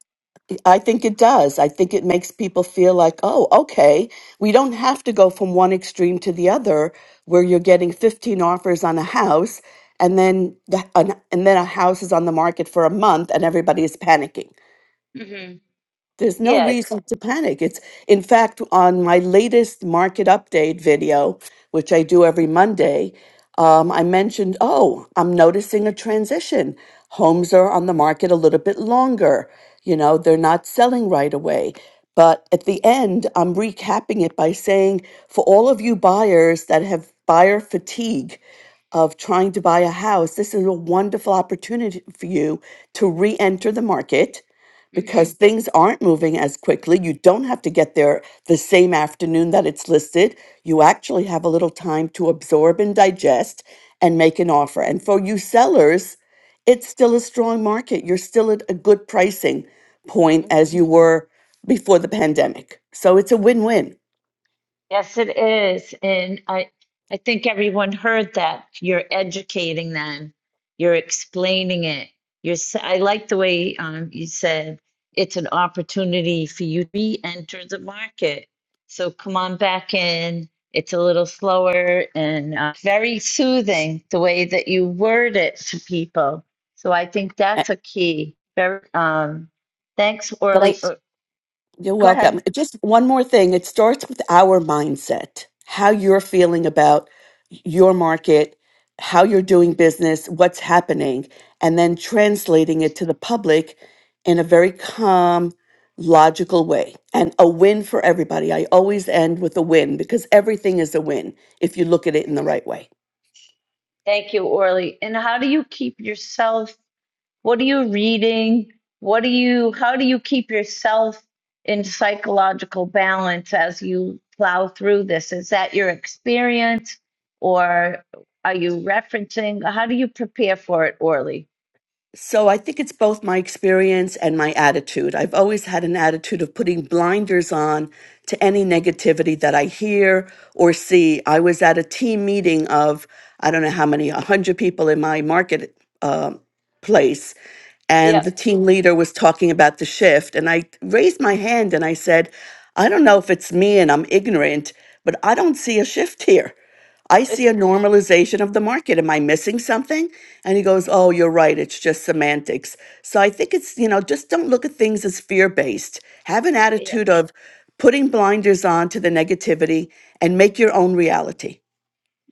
Speaker 17: I think it does. I think it makes people feel like, oh, okay, we don't have to go from one extreme to the other where you're getting 15 offers on a house and then, the, an, and then a house is on the market for a month and everybody is panicking.
Speaker 3: Mm-hmm.
Speaker 17: There's no
Speaker 3: Yeah.
Speaker 17: reason to panic. It's, in fact, on my latest market update video, which I do every Monday, um, I mentioned, oh, I'm noticing a transition. Homes are on the market a little bit longer. You know, they're not selling right away. But at the end, I'm recapping it by saying, for all of you buyers that have buyer fatigue, of trying to buy a house, this is a wonderful opportunity for you to re enter the market because things aren't moving as quickly. You don't have to get there the same afternoon that it's listed. You actually have a little time to absorb and digest and make an offer. And for you sellers, it's still a strong market. You're still at a good pricing point as you
Speaker 3: Mm-hmm.
Speaker 17: were before the pandemic. So it's a win win.
Speaker 3: Yes, it is. And I, I think everyone heard that. You're educating them. You're explaining it. You're, s- I like the way um, you said it's an opportunity for you to re-enter the market. So come on back in. It's a little slower and uh, very soothing the way that you word it to people. So I think
Speaker 17: Uh,
Speaker 3: that's a key. Very, um, thanks,
Speaker 17: But
Speaker 3: Orly.
Speaker 17: I,
Speaker 3: Uh,
Speaker 17: You're
Speaker 3: Go
Speaker 17: welcome.
Speaker 3: ahead.
Speaker 17: Just one more thing. It starts with our mindset, how you're feeling about your market, how you're doing business, what's happening, and then translating it to the public in a very calm, logical way. And a win for everybody. I always end with a win because everything is a win if you look at it in the right way.
Speaker 3: Thank you, Orly. And how do you keep yourself? What are you reading? What do you, how do you keep yourself in psychological balance as you plow through this? Is that your experience or are you referencing? How do you prepare for it, Orly?
Speaker 17: So I think it's both my experience and my attitude. I've always had an attitude of putting blinders on to any negativity that I hear or see. I was at a team meeting of I don't know how many, a hundred people in my market. uh, place and the
Speaker 3: Yep.
Speaker 17: team leader was talking about the shift and i raised my hand and i said i don't know if it's me and i'm ignorant but i don't see a shift here i see a normalization of the market am i missing something and he goes oh you're right it's just semantics so i think it's you know just don't look at things as fear based have an
Speaker 3: *laughs*
Speaker 17: attitude of putting blinders on to the negativity and make your own reality.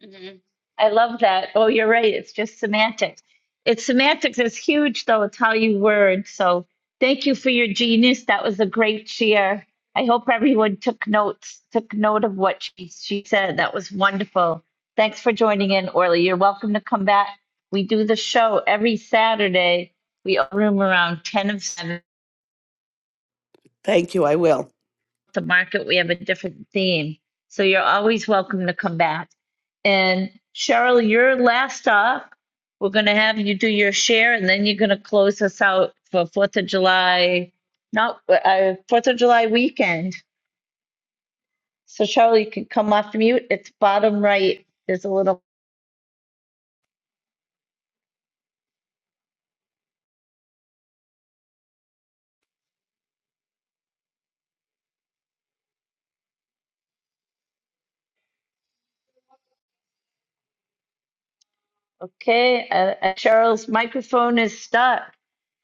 Speaker 3: Mhm. I love that. Oh, you're right. It's just semantics. It's semantics is huge, though. It's how you word. So thank you for your genius. That was a great share. I hope everyone took notes, took note of what she, she said. That was wonderful. Thanks for joining in, Orly. You're welcome to come back. We do the show every Saturday. We open room around 10 of 7.
Speaker 17: Thank you, I will.
Speaker 3: the market. We have a different theme. So you're always welcome to come back. And Cheryl, you're last up. We're going to have you do your share and then you're going to close us out for 4th of July, not uh, 4th of July weekend. So Cheryl, you can come off mute. It's bottom right. There's a little, okay. Uh, uh, Cheryl's microphone is stuck.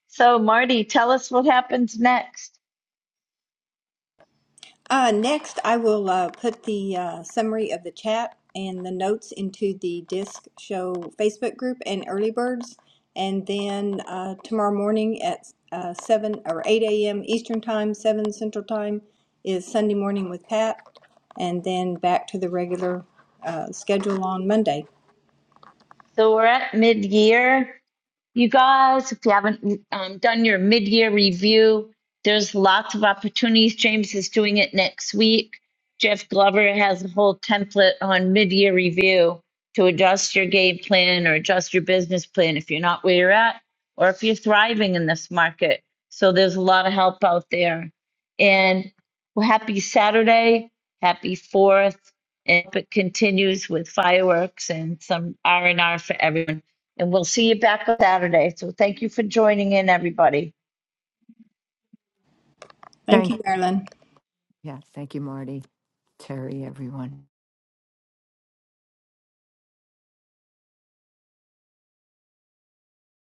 Speaker 3: So Marty, tell us what happens next.
Speaker 1: Uh, next, I will uh, put the uh, summary of the chat and the notes into the Disc Show Facebook group and early birds, and then uh, tomorrow morning at uh, seven or eight a.m. Eastern time, seven Central time is Sunday morning with Pat, and then back to the regular uh, schedule on Monday.
Speaker 3: So we're at mid year. You guys, if you haven't um, done your mid year review, there's lots of opportunities. James is doing it next week. Jeff Glover has a whole template on mid year review to adjust your game plan or adjust your business plan if you're not where you're at or if you're thriving in this market. So there's a lot of help out there. And well, happy Saturday, happy 4th. And it continues with fireworks and some R&R for everyone. And we'll see you back on Saturday. So thank you for joining in, everybody.
Speaker 1: Thank
Speaker 4: Thank
Speaker 1: you, Marilyn.
Speaker 4: yeah, thank you, Marty, Terry, everyone.